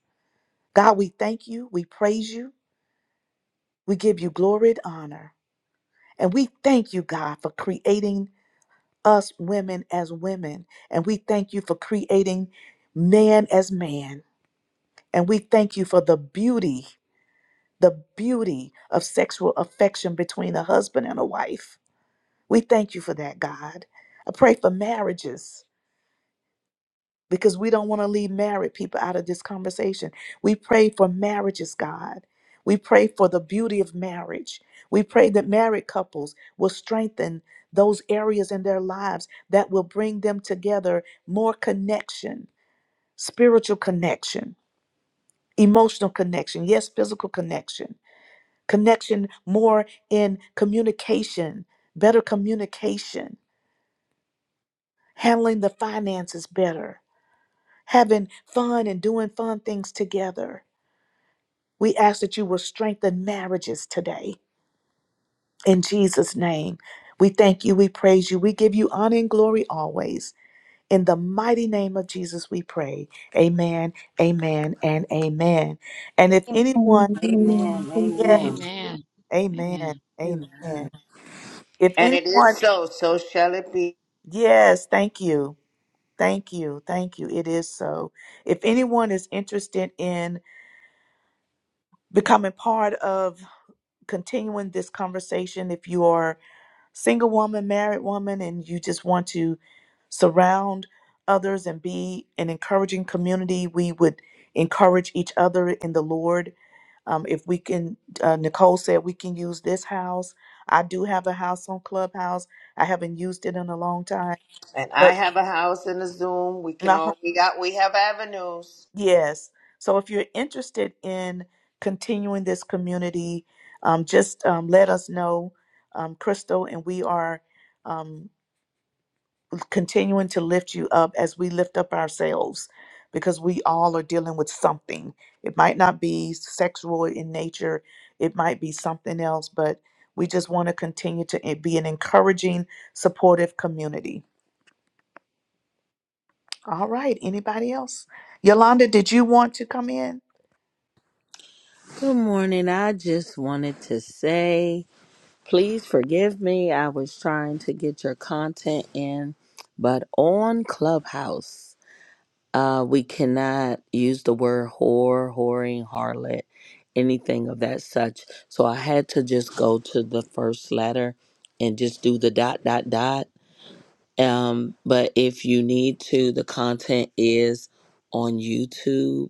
Speaker 3: God, we thank you. We praise you. We give you glory and honor. And we thank you, God, for creating us women as women. And we thank you for creating man as man. And we thank you for the beauty. the beauty of sexual affection between a husband and a wife. We thank you for that, God. I pray for marriages because we don't want to leave married people out of this conversation. We pray for marriages, God. We pray for the beauty of marriage. We pray that married couples will strengthen those areas in their lives that will bring them together more connection, spiritual connection, emotional connection, yes, physical connection connection more in communication, better communication, handling the finances better, having fun and doing fun things together. We ask that you will strengthen marriages today. In Jesus' name, we thank you, we praise you, we give you honor and glory always. In the mighty name of Jesus, we pray. Amen, amen, and amen. And if
Speaker 8: Amen.
Speaker 3: anyone,
Speaker 8: Amen. Thank
Speaker 3: yes,
Speaker 8: you.
Speaker 4: Amen.
Speaker 3: amen,
Speaker 4: Amen.
Speaker 7: Wait a
Speaker 3: amen.
Speaker 7: minute.
Speaker 3: If
Speaker 2: And it is
Speaker 3: anyone,
Speaker 2: so, so shall it be.
Speaker 3: yes, thank you. Thank you. Thank you. It is so. If anyone is interested in becoming part of continuing this conversation, if you are single woman, married woman, and you just want to surround others and be an encouraging community, we would encourage each other in the Lord. Um, if we can, uh, Nicole said we can use this house. I do have a house on Clubhouse. I haven't used it in a long time,
Speaker 2: And I
Speaker 3: but
Speaker 2: have a house and a Zoom. We can
Speaker 3: uh huh.
Speaker 2: all we got we have avenues.
Speaker 3: Yes. So if you're interested in continuing this community, um, just um, let us know, um, Crystal, and we are um, continuing to lift you up as we lift up ourselves because we all are dealing with something. It might not be sexual in nature, it might be something else, but we just want to continue to eh, be an encouraging, supportive community. All right. Anybody else? Yolanda, did you want to come in?
Speaker 7: Good morning. I just wanted to say, please forgive me. I was trying to get your content in, but on Clubhouse, uh, we cannot use the word whore, whoring, harlot, anything of that such. So I had to just go to the first letter and just do the dot, dot, dot. Um, but if you need to, the content is on YouTube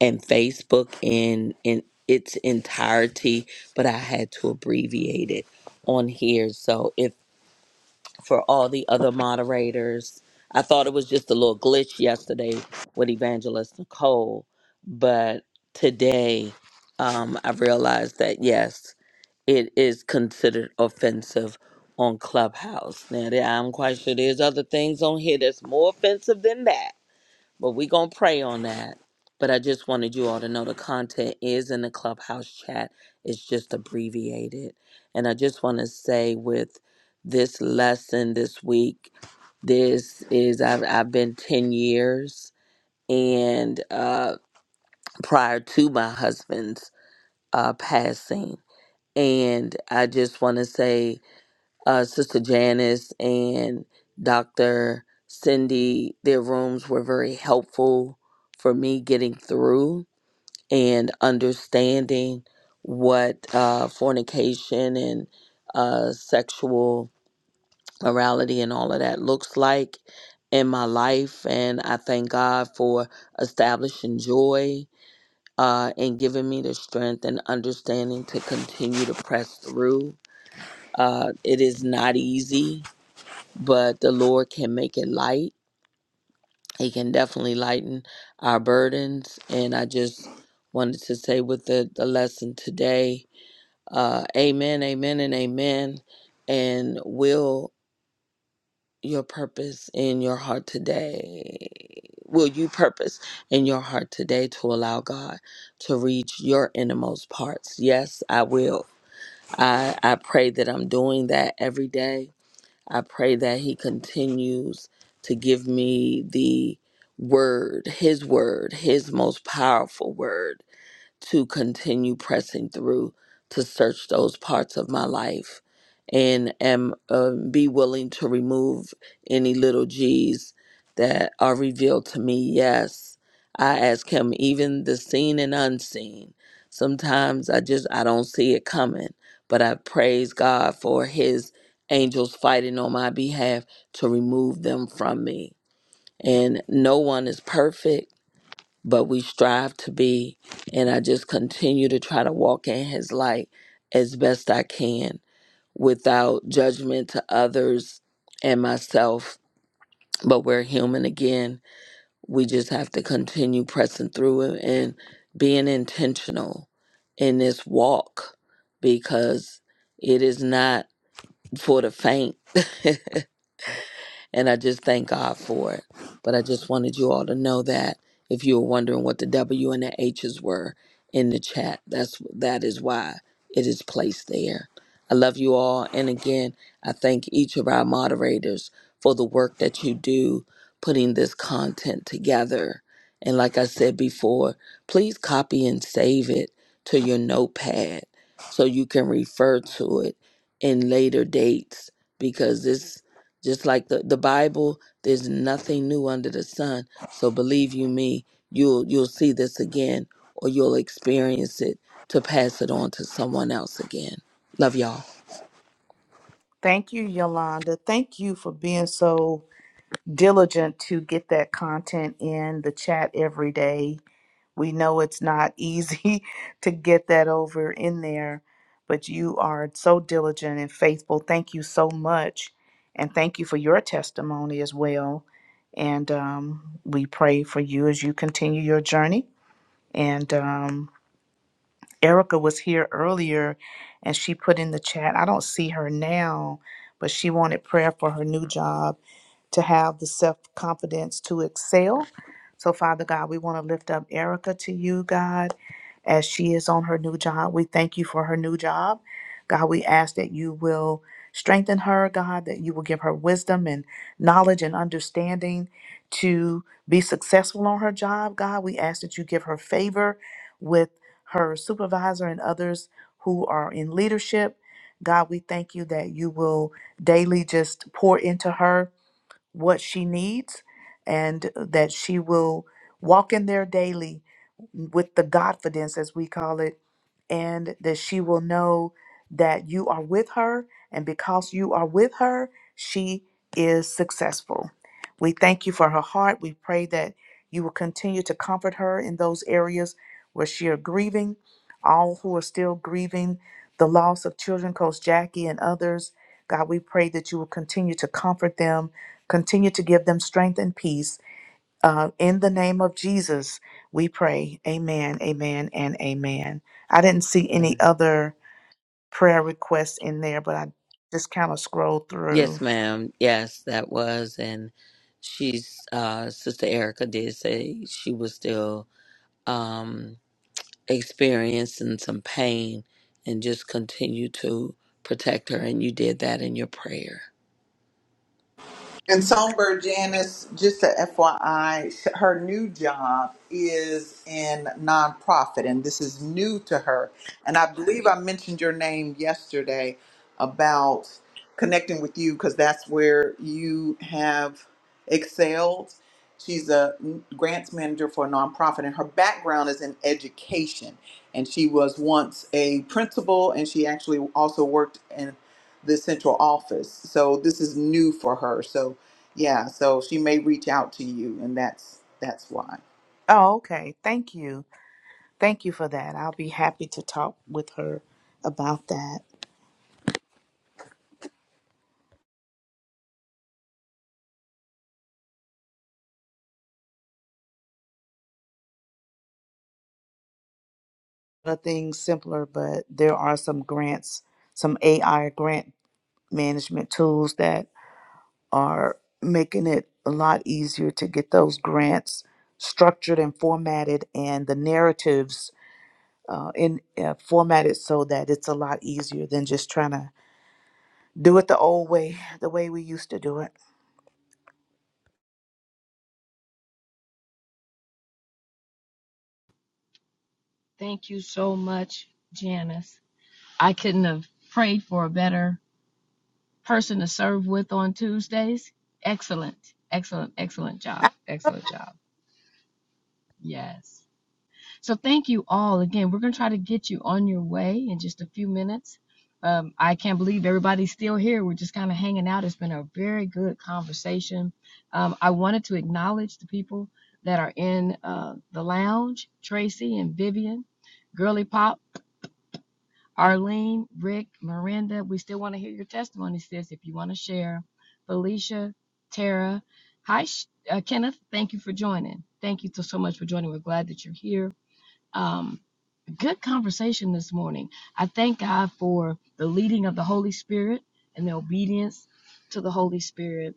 Speaker 7: and Facebook in in its entirety, but I had to abbreviate it on here. So if for all the other moderators, I thought it was just a little glitch yesterday with Evangelist Nicole, but today um, I realized that yes, it is considered offensive on Clubhouse. Now there- I'm quite sure there's other things on here that's more offensive than that but we going to pray on that. But I just wanted you all to know the content is in the clubhouse chat. It's just abbreviated. And I just want to say with this lesson this week, this is, I've, I've been 10 years and uh, prior to my husband's uh, passing. And I just want to say, uh, Sister Janice and Dr. Cindy, their rooms were very helpful for me getting through and understanding what uh, fornication and uh, sexual morality and all of that looks like in my life. And I thank God for establishing joy uh, and giving me the strength and understanding to continue to press through. Uh, it is not easy but the Lord can make it light. He can definitely lighten our burdens. And I just wanted to say with the, the lesson today, uh, amen, amen, and amen. And will your purpose in your heart today, will you purpose in your heart today to allow God to reach your innermost parts? Yes, I will. I, I pray that I'm doing that every day I pray that He continues to give me the word, His word, His most powerful word to continue pressing through to search those parts of my life and am uh, be willing to remove any little g's that are revealed to me yes i ask him even the seen and unseen sometimes i just i don't see it coming but i praise god for his angels fighting on my behalf to remove them from me and no one is perfect but we strive to be. And I just continue to try to walk in His light as best I can without judgment to others and myself. But we're human again. We just have to continue pressing through it and being intentional in this walk because it is not for the faint. And I just thank God for it. But I just wanted you all to know that if you were wondering what the W and the H's were in the chat, that's that is why it is placed there. I love you all. And again, I thank each of our moderators for the work that you do putting this content together. And like I said before, please copy and save it to your notepad so you can refer to it in later dates because this just like the, the Bible, there's nothing new under the sun. So believe you me, you'll you'll see this again or you'll experience it to pass it on to someone else again. Love y'all.
Speaker 3: Thank you, Yolanda. Thank you for being so diligent to get that content in the chat every day. We know it's not easy to get that over in there, but you are so diligent and faithful. Thank you so much. And thank you for your testimony as well. And um, we pray for you as you continue your journey. And um, Erica was here earlier and she put in the chat, I don't see her now, but she wanted prayer for her new job to have the self confidence to excel. So, Father God, we want to lift up Erica to you, God, as she is on her new job. We thank you for her new job. God, we ask that you will strengthen her, God, that you will give her wisdom and knowledge and understanding to be successful on her job, God. We ask that you give her favor with her supervisor and others who are in leadership. God, we thank you that you will daily just pour into her what she needs and that she will walk in there daily with the Godfidence, as we call it, and that she will know that you are with her. And because you are with her, she is successful. We thank you for her heart. We pray that you will continue to comfort her in those areas where she are grieving, all who are still grieving the loss of children, Coach Jackie and others. God, we pray that you will continue to comfort them Continue to give them strength and peace. Uh, in the name of Jesus, we pray. Amen, amen, and amen. I didn't see any
Speaker 7: Mm.
Speaker 3: other prayer requests in there, but I just kind of scrolled
Speaker 7: Yes,
Speaker 3: through.
Speaker 7: ma'am. Yes, that was. And she's, uh, Sister Erica did say she was still um, experiencing some pain and just continue to protect her. And you did that in your prayer.
Speaker 1: And Songbird Janice, just a FYI, sh- her new job is in nonprofit, and this is new to her. And I believe I mentioned your name yesterday about connecting with you because that's where you have excelled. She's a grants manager for a nonprofit, and her background is in education. And she was once a principal, and she actually also worked in the central office. So this is new for her. So yeah, so she may reach out to you, and that's that's why.
Speaker 3: Oh, okay. Thank you. Thank you for that. I'll be happy to talk with her about that. Nothing simpler, but there are some grants, some AI grant management tools that are making it a lot easier to get those grants structured and formatted and the narratives uh, in uh, formatted so that it's a lot easier than just trying to do it the old way, the way we used to do it.
Speaker 4: Thank you so much, Janice. I couldn't have prayed for a better person to serve with on Tuesdays. Excellent, excellent, excellent job.
Speaker 3: Ah,
Speaker 4: Excellent job. Yes. So thank you all again. We're going to try to get you on your way in just a few minutes. Um, I can't believe everybody's still here. We're just kind of hanging out. It's been a very good conversation. Um, I wanted to acknowledge the people that are in uh, the lounge Tracy and Vivian, Girly Pop. Arlene, Rick, Miranda, we still want to hear your testimony, sis, if you want to share. Felicia, Tara. Hi, Sh- uh, Kenneth. Thank you for joining. Thank you so so much for joining. We're glad that you're here. Um, Good conversation this morning. I thank God for the leading of the Holy Spirit and the obedience to the Holy Spirit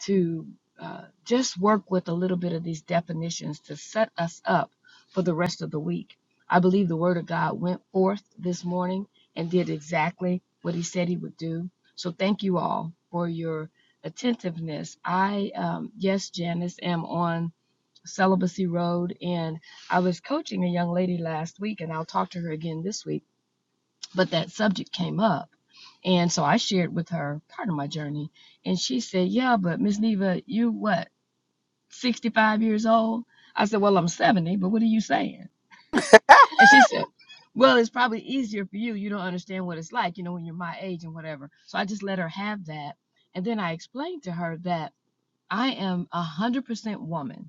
Speaker 4: to uh, just work with a little bit of these definitions to set us up for the rest of the week. I believe the Word of God went forth this morning and did exactly what He said He would do. So thank you all for your attentiveness. I, um, yes, Janice, am on celibacy road and i was coaching a young lady last week and i'll talk to her again this week but that subject came up and so i shared with her part of my journey and she said yeah but miss neva you what 65 years old i said well i'm 70 but what are you saying and she said well it's probably easier for you you don't understand what it's like you know when you're my age and whatever so i just let her have that and then i explained to her that i am 100% woman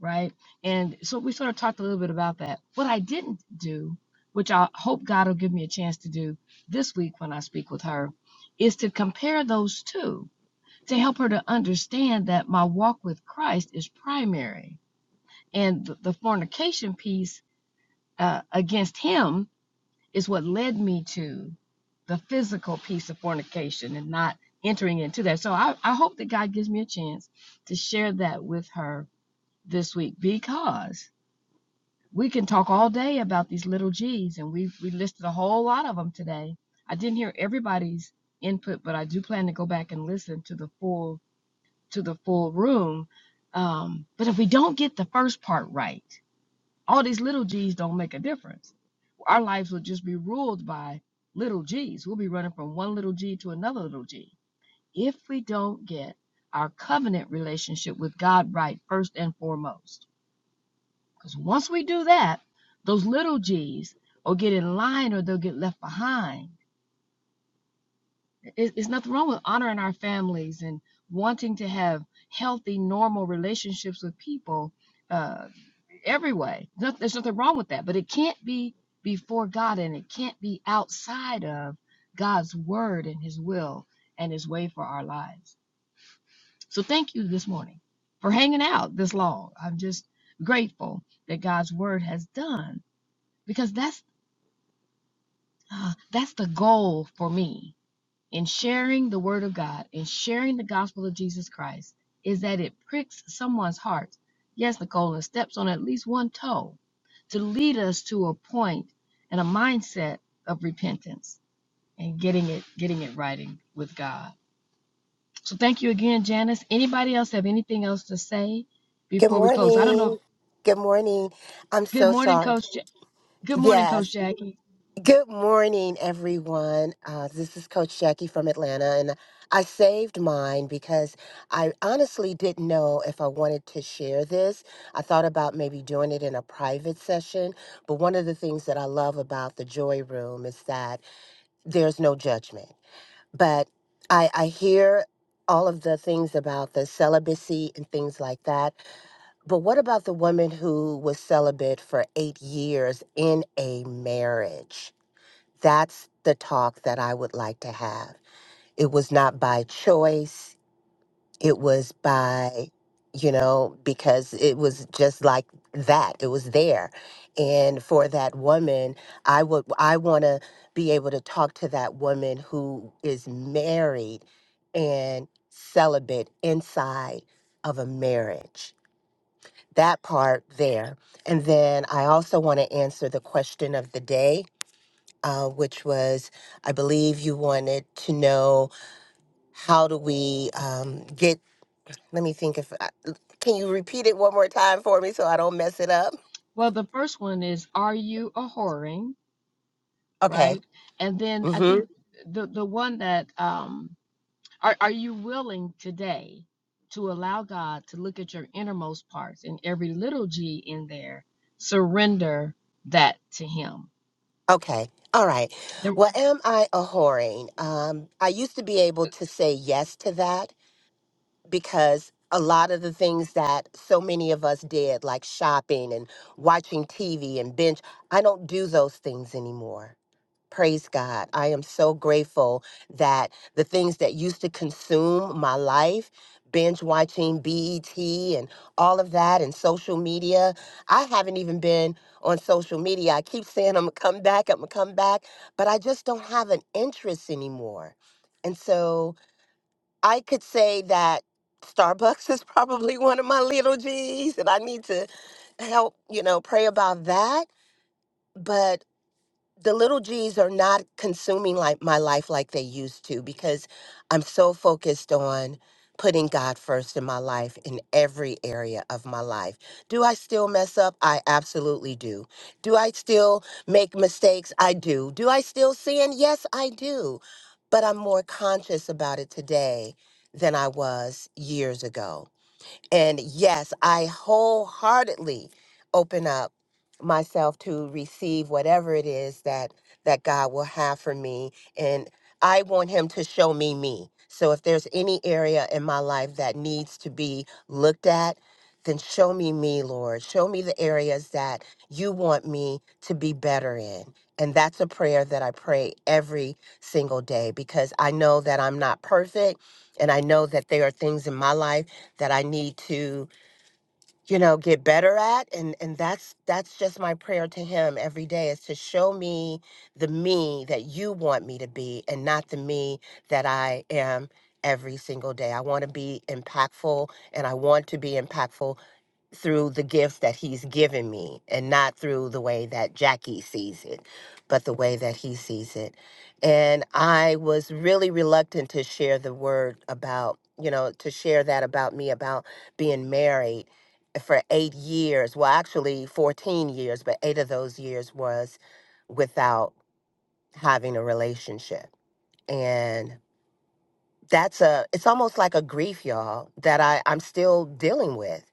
Speaker 4: right? And so we sort of talked a little bit about that. What I didn't do, which I hope God will give me a chance to do this week when I speak with her, is to compare those two to help her to understand that my walk with Christ is primary. And the, the fornication piece uh, against him is what led me to the physical piece of fornication and not entering into that. So I, I hope that God gives me a chance to share that with her this week because we can talk all day about these little G's, and we we listed a whole lot of them today. I didn't hear everybody's input, but I do plan to go back and listen to the full to the full room. Um, but if we don't get the first part right, all these little G's don't make a difference. Our lives will just be ruled by little G's. We'll be running from one little G to another little G if we don't get our covenant relationship with God right first and foremost because once we do that, those little G's will get in line or they'll get left behind. It's nothing wrong with honoring our families and wanting to have healthy, normal relationships with people uh, every way. There's nothing wrong with that, but it can't be before God and it can't be outside of God's word and his will and his way for our lives. So thank you this morning for hanging out this long. I'm just grateful that God's word has done because that's Ah, that's the goal for me in sharing the word of God in sharing the gospel of Jesus Christ is that it pricks someone's heart. Yes, Nicole, and steps on at least one toe to lead us to a point and a mindset of repentance and getting it getting it right in- with God. So thank you again, Janice. Anybody else have anything else to say
Speaker 9: Good
Speaker 4: before we close? I don't know.
Speaker 9: morning. Good morning. I'm
Speaker 4: Good
Speaker 9: so
Speaker 4: morning,
Speaker 9: sorry.
Speaker 4: Coach. Ja- Good morning, Coach
Speaker 9: Yes.
Speaker 4: Jackie.
Speaker 9: Good morning, everyone. Uh, this is Coach Jackie from Atlanta, and I saved mine because I honestly didn't know if I wanted to share this. I thought about maybe doing it in a private session, but one of the things that I love about the Joy Room is that there's no judgment. But I, I hear all of the things about the celibacy and things like that. But what about the woman who was celibate for eight years in a marriage? That's the talk that I would like to have. It was not by choice, it was by, you know, because it was just like that. It was there. And for that woman, I would I want to be able to talk to that woman who is married and celibate inside of a marriage that part there. And then I also want to answer the question of the day, uh, which was I believe you wanted to know how do we um, get, let me think if, I- can you repeat it one more time for me so I don't mess it up?
Speaker 4: Well, the first one is, are you a whoring?
Speaker 9: Okay.
Speaker 4: right? And then I
Speaker 9: Mm-hmm.
Speaker 4: think the the one that um are are you willing today to allow God to look at your innermost parts and every little g in there, surrender that to him.
Speaker 9: Okay. All right. Well, am I a whoring? Um, I used to be able to say yes to that because a lot of the things that so many of us did, like shopping and watching TV and binge, I don't do those things anymore. Praise God. I am so grateful that the things that used to consume my life, binge watching BET and all of that and social media, I haven't even been on social media. I keep saying I'm gonna come back, I'm gonna come back, but I just don't have an interest anymore. And so, I could say that Starbucks is probably one of my little G's, and I need to help, you know, pray about that. but the little G's are not consuming like my life like they used to because I'm so focused on putting God first in my life in every area of my life. Do I still mess up? I absolutely do. Do I still make mistakes? I do. Do I still sin? Yes, I do. But I'm more conscious about it today than I was years ago. And yes, I wholeheartedly open up myself to receive whatever it is that that God will have for me and I want him to show me me. So if there's any area in my life that needs to be looked at, then show me me, Lord. Show me the areas that you want me to be better in. And that's a prayer that I pray every single day because I know that I'm not perfect and I know that there are things in my life that I need to, you know, get better at and and that's that's just my prayer to him every day is to show me the me that you want me to be and not the me that I am every single day. I want to be impactful and I want to be impactful through the gifts that he's given me and not through the way that Jackie sees it, but the way that he sees it. And I was really reluctant to share the word about, you know, to share that about me about being married for eight years. Well, actually 14 years, but eight of those years was without having a relationship. And that's a, it's almost like a grief, y'all, that I, I'm still dealing with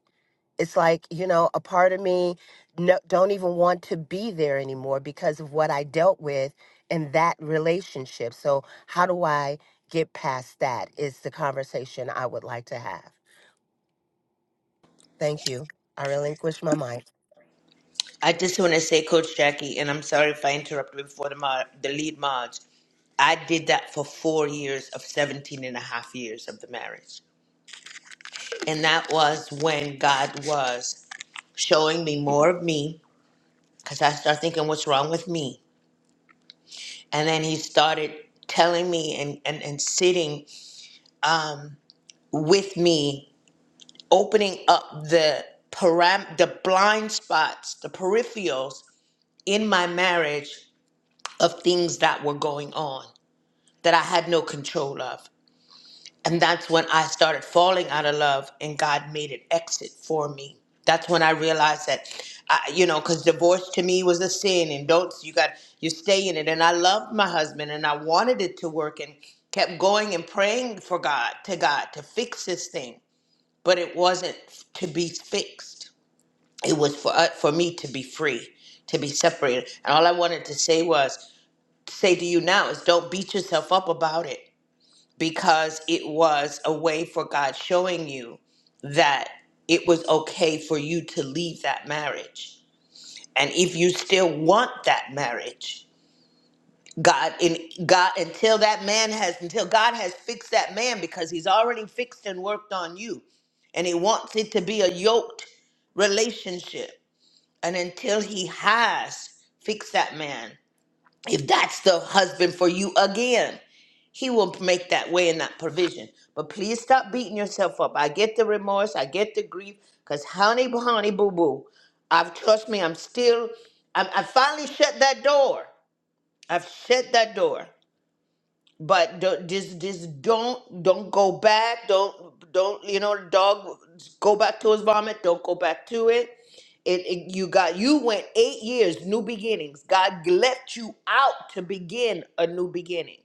Speaker 9: it's like you know a part of me no, don't even want to be there anymore because of what i dealt with in that relationship so how do i get past that is the conversation i would like to have thank you i relinquish my mic.
Speaker 2: I just want to say, Coach Jackie, and I'm sorry if I interrupted before the, mar- the lead march. I did that for four years of 17 and a half years of the marriage. And that was when God was showing me more of me because I started thinking, what's wrong with me? and then he started telling me and and, and sitting um, with me opening up the param the blind spots the peripherals in my marriage of things that were going on that i had no control of And that's when I started falling out of love and God made an exit for me. That's when I realized that, I, you know, because divorce to me was a sin and don't, you got, you stay in it. And I loved my husband and I wanted it to work and kept going and praying for God, to God, to fix this thing. But it wasn't to be fixed. It was for, uh, for me to be free, to be separated. And all I wanted to say was, say to you now is don't beat yourself up about it because it was a way for God showing you that it was okay for you to leave that marriage. And if you still want that marriage, God in God until that man has until God has fixed that man because he's already fixed and worked on you and he wants it to be a yoked relationship. And until he has fixed that man, if that's the husband for you again, he will make that way and that provision. But please stop beating yourself up. I get the remorse, I get the grief, because honey, honey, boo boo, I've trust me, I'm still, I'm, I finally shut that door. I've shut that door but do just just don't don't go back don't don't you know dog go back to his vomit don't go back to it. it it you got you went eight years new beginnings god left you out to begin a new beginning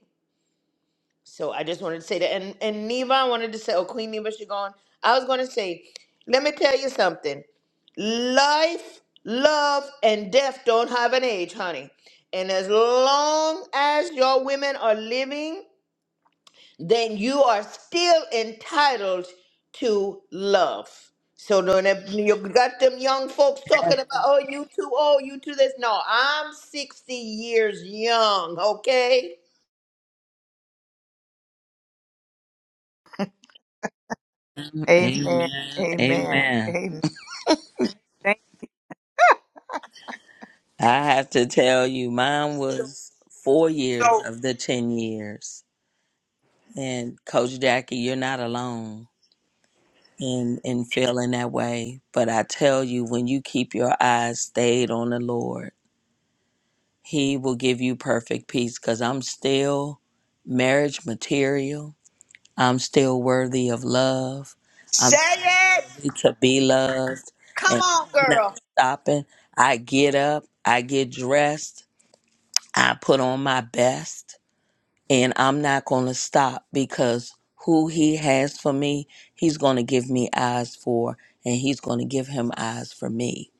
Speaker 2: so i just wanted to say that and and neva i wanted to say oh queen neva she gone i was going to say let me tell you something life love and death don't have an age honey and as long as your women are living then you are still entitled to love. So don't you got them young folks talking about, oh, you too old, you too this. No, I'm 60 years young, okay?
Speaker 3: Amen.
Speaker 7: Amen.
Speaker 3: Amen.
Speaker 7: Amen.
Speaker 3: Amen. Thank,
Speaker 7: I have to tell you, mine was four years
Speaker 1: So
Speaker 7: of the 10 years. And Coach Jackie, you're not alone in, in feeling that way. But I tell you, when you keep your eyes stayed on the Lord, He will give you perfect peace because I'm still marriage material. I'm still worthy of love. I'm
Speaker 2: Say it.
Speaker 7: worthy to be loved.
Speaker 2: Come
Speaker 7: And
Speaker 2: on,
Speaker 7: I'm not
Speaker 2: girl.
Speaker 7: stopping. I get up, I get dressed, I put on my best. and I'm not going to stop because who he has for me, he's going to give me eyes for, and he's going to give him eyes for me.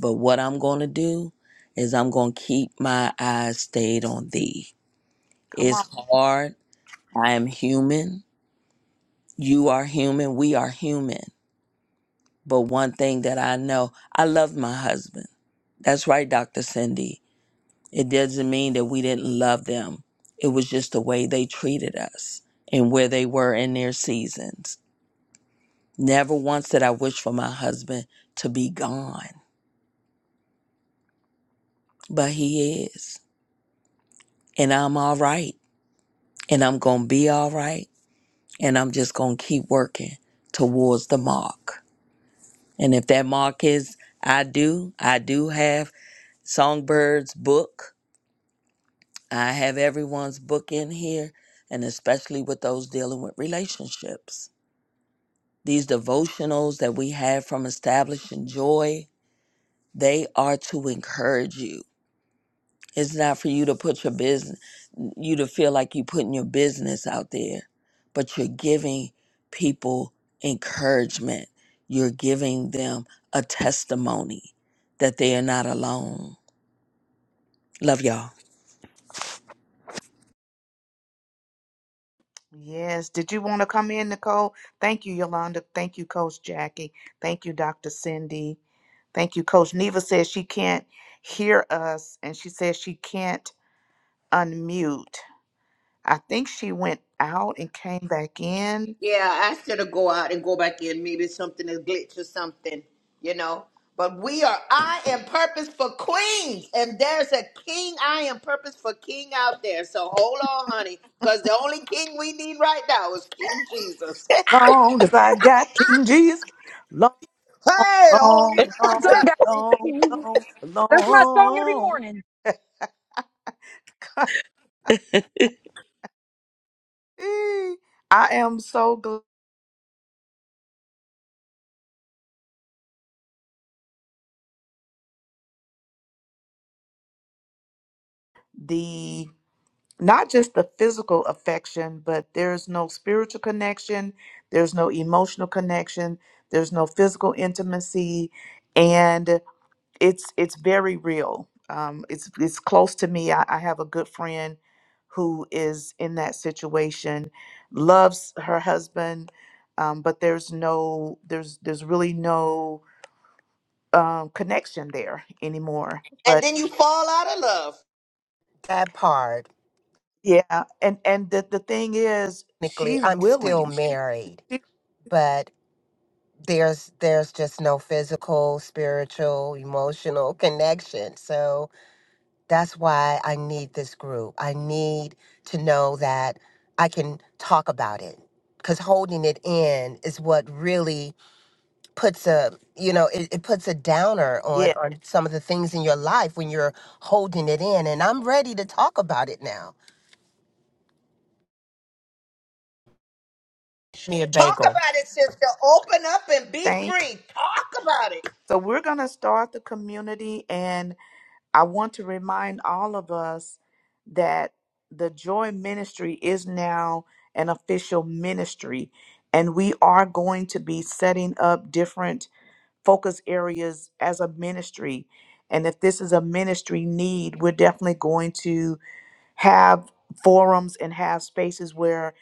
Speaker 7: But what I'm going to do is I'm going to keep my eyes stayed on thee.
Speaker 3: come on.
Speaker 7: It's hard. I am human. You are human. We are human. But one thing that I know, I love my husband. That's right, Dr. Cindy. It doesn't mean that we didn't love them. It was just the way they treated us and where they were in their seasons. Never once did I wish for my husband to be gone, but he is. And I'm all right. And I'm going to be all right. And I'm just going to keep working towards the mark. And if that mark is, I do, I do have Songbird's book. I have everyone's book in here, and especially with those dealing with relationships. These devotionals that we have from Establishing Joy, they are to encourage you. It's not for you to put your business, you to feel like you're putting your business out there, but you're giving people encouragement. You're giving them a testimony that they are not alone. Love y'all.
Speaker 3: Yes. Did you want to come in, Nicole? Thank you, Yolanda. Thank you, Coach Jackie. Thank you, Dr. Cindy. Thank you, Coach Neva says she can't hear us and she says she can't unmute. I think she went out and came back in.
Speaker 2: Yeah, I should have go out and go back in. Maybe something is glitch or something, you know. But we are I am purpose for queens. And there's a king, I am purpose for king out there. So hold on, honey. Because the only king we need right now is King Jesus.
Speaker 3: Long as I got King Jesus. Long,
Speaker 2: Hey, long
Speaker 3: long,
Speaker 2: I
Speaker 3: long,
Speaker 2: got it.
Speaker 3: long, long,
Speaker 8: That's my song every
Speaker 3: long.
Speaker 8: morning.
Speaker 3: I am so glad. not just the physical affection, but there's no spiritual connection, there's no emotional connection, there's no physical intimacy, and it's it's very real. Um, it's it's close to me. I, I have a good friend who is in that situation, loves her husband, um, but there's no there's there's really no um, connection there anymore.
Speaker 2: And
Speaker 3: But
Speaker 2: then you fall out of love.
Speaker 9: that part
Speaker 3: yeah, and and the the thing is,
Speaker 9: technically
Speaker 3: she's
Speaker 9: i'm still
Speaker 3: willing.
Speaker 9: married
Speaker 3: She-
Speaker 9: but there's there's just no physical spiritual emotional connection so That's why I need this group. I need to know that I can talk about it because holding it in is what really puts a you know it, it puts a downer on
Speaker 3: Yeah,
Speaker 9: on some of the things in your life when you're holding it in and i'm ready to talk about it now me a
Speaker 2: Talk
Speaker 9: bagel
Speaker 2: about it, sister. Open up and be
Speaker 3: thank.
Speaker 2: free. Talk about it.
Speaker 3: So we're going to start the community, and I want to remind all of us that the Joy Ministry is now an official ministry, and we are going to be setting up different focus areas as a ministry. And if this is a ministry need, we're definitely going to have forums and have spaces where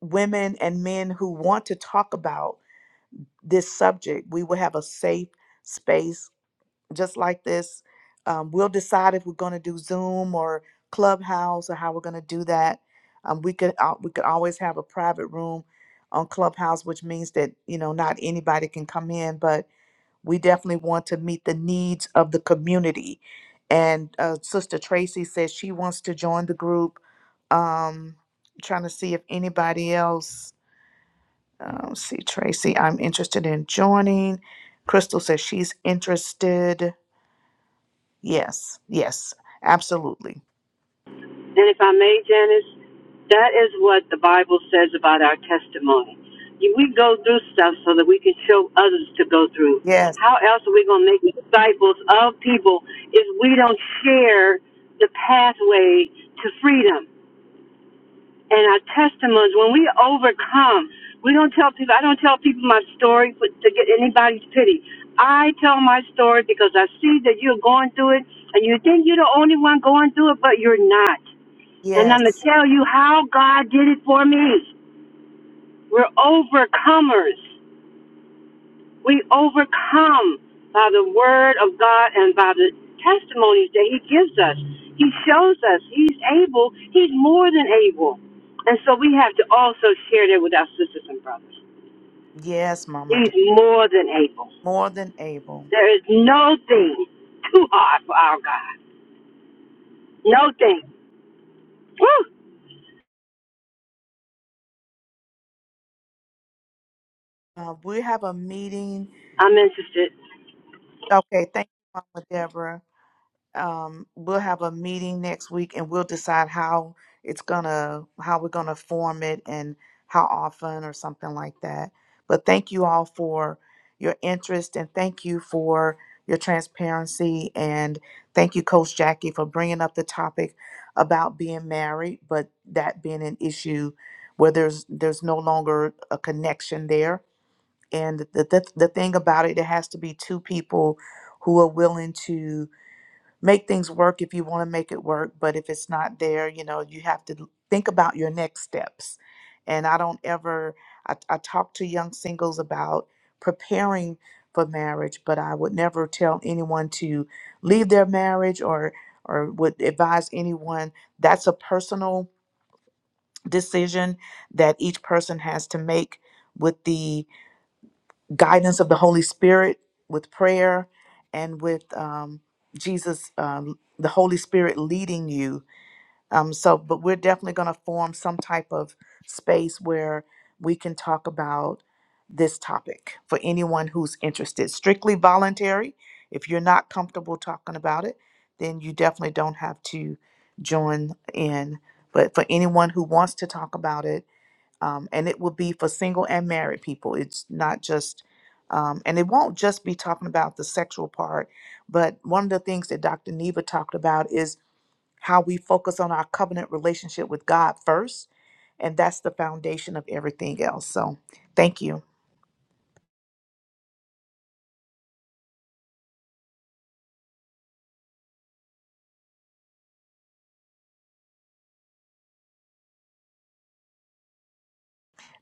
Speaker 3: women and men who want to talk about this subject, we will have a safe space just like this. Um, we'll decide if we're going to do Zoom or Clubhouse or how we're going to do that. Um, we could al- we could always have a private room on Clubhouse, which means that you know not anybody can come in, but we definitely want to meet the needs of the community. And uh, Sister Tracy says she wants to join the group. Um, trying to see if anybody else. Uh, let's see, Tracy, I'm interested in joining. Crystal says she's interested. Yes, yes, absolutely.
Speaker 10: And if I may, Janice, that is what the Bible says about our testimony. You- We go through stuff so that we can show others to go through.
Speaker 3: Yes,
Speaker 10: How else are we going to make disciples of people if we don't share the pathway to freedom? and our testimonies. When we overcome, we don't tell people. I don't tell people my story for, to get anybody's pity. I tell my story because I see that you're going through it, and you think you're the only one going through it, but you're not. And I'm going to
Speaker 3: yes,
Speaker 10: tell you how God did it for me. We're overcomers. We overcome by the word of God and by the testimonies that He gives us. He shows us He's able, He's more than able. And so we have to also share that with our sisters and brothers.
Speaker 3: yes, Mama
Speaker 10: He's
Speaker 3: Deborah.
Speaker 10: more than able.
Speaker 3: More than able.
Speaker 10: There is no thing too hard for our God. No thing. Woo!
Speaker 3: Uh, we have a meeting.
Speaker 10: I'm interested.
Speaker 3: Okay, thank you, Mama Deborah. um, we'll have a meeting next week and we'll decide how it's gonna how we're gonna form it and how often or something like that. But thank you all for your interest and thank you for your transparency and thank you coach Jackie for bringing up the topic about being married but that being an issue where there's there's no longer a connection there and the the, the thing about it it has to be two people who are willing to make things work if you want to make it work but if it's not there you know you have to think about your next steps and i don't ever i, I talk to young singles about preparing for marriage but i would never tell anyone to leave their marriage or or would advise anyone that's a personal decision that each person has to make with the guidance of the Holy Spirit with prayer and with um, Jesus, um, the Holy Spirit leading you. Um, so, but we're definitely going to form some type of space where we can talk about this topic for anyone who's interested. Strictly voluntary. If you're not comfortable talking about it, then you definitely don't have to join in. But for anyone who wants to talk about it, um, and it will be for single and married people. It's not just, um, and it won't just be talking about the sexual part, but one of the things that Dr. Neva talked about is how we focus on our covenant relationship with God first, and that's the foundation of everything else. So, thank you,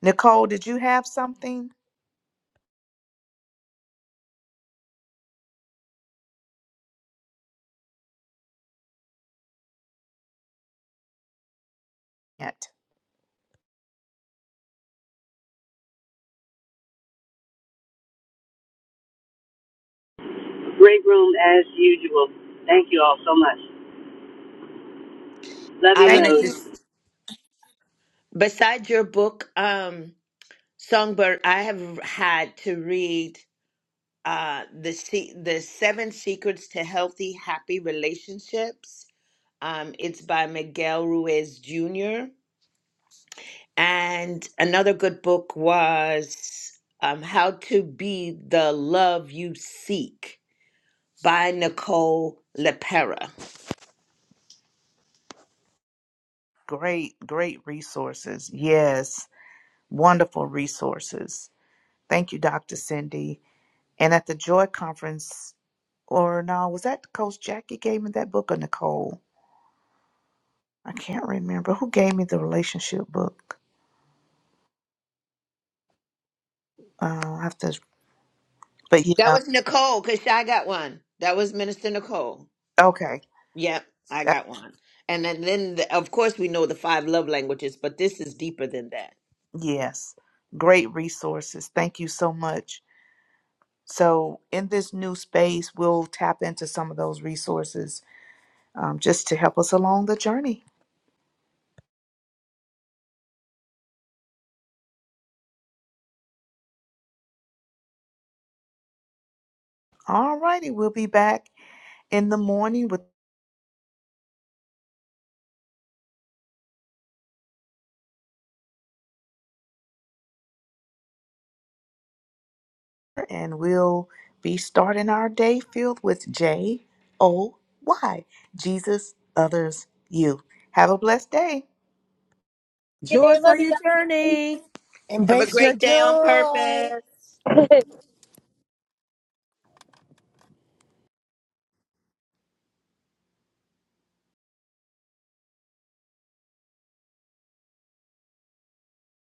Speaker 3: Nicole. Did you have something? Yet.
Speaker 10: Great room as usual. Thank you all so much. Love
Speaker 2: I
Speaker 10: you
Speaker 2: want to
Speaker 3: Thank
Speaker 10: loads.
Speaker 3: you.
Speaker 2: just besides your book, um, Songbird, I have had to read. uh, the se- the seven secrets to healthy happy relationships um, it's by miguel ruiz jr and another good book was um, how to be the love you seek by nicole lepera
Speaker 3: Great, great resources. Yes, wonderful resources. Thank you, Dr. Cindy. And at the Joy Conference or no, was that Coach Jackie gave me that book or Nicole? I can't remember who gave me the relationship book. Uh, I have to, but
Speaker 2: that
Speaker 3: yeah,
Speaker 2: was nicole because i got one that was minister nicole
Speaker 3: okay,
Speaker 2: yep i
Speaker 3: that
Speaker 2: got one and then, then the, of course we know the five love languages but this is deeper than that
Speaker 3: yes, great resources. Thank you so much. So in this new space, we'll tap into some of those resources um, just to help us along the journey. All righty, we'll be back in the morning with. and we'll be starting our day filled with J O Y. Jesus, others, you. Have a blessed day.
Speaker 7: Joy for your journey.
Speaker 2: have a
Speaker 9: embrace your
Speaker 2: great day on
Speaker 9: joy
Speaker 2: purpose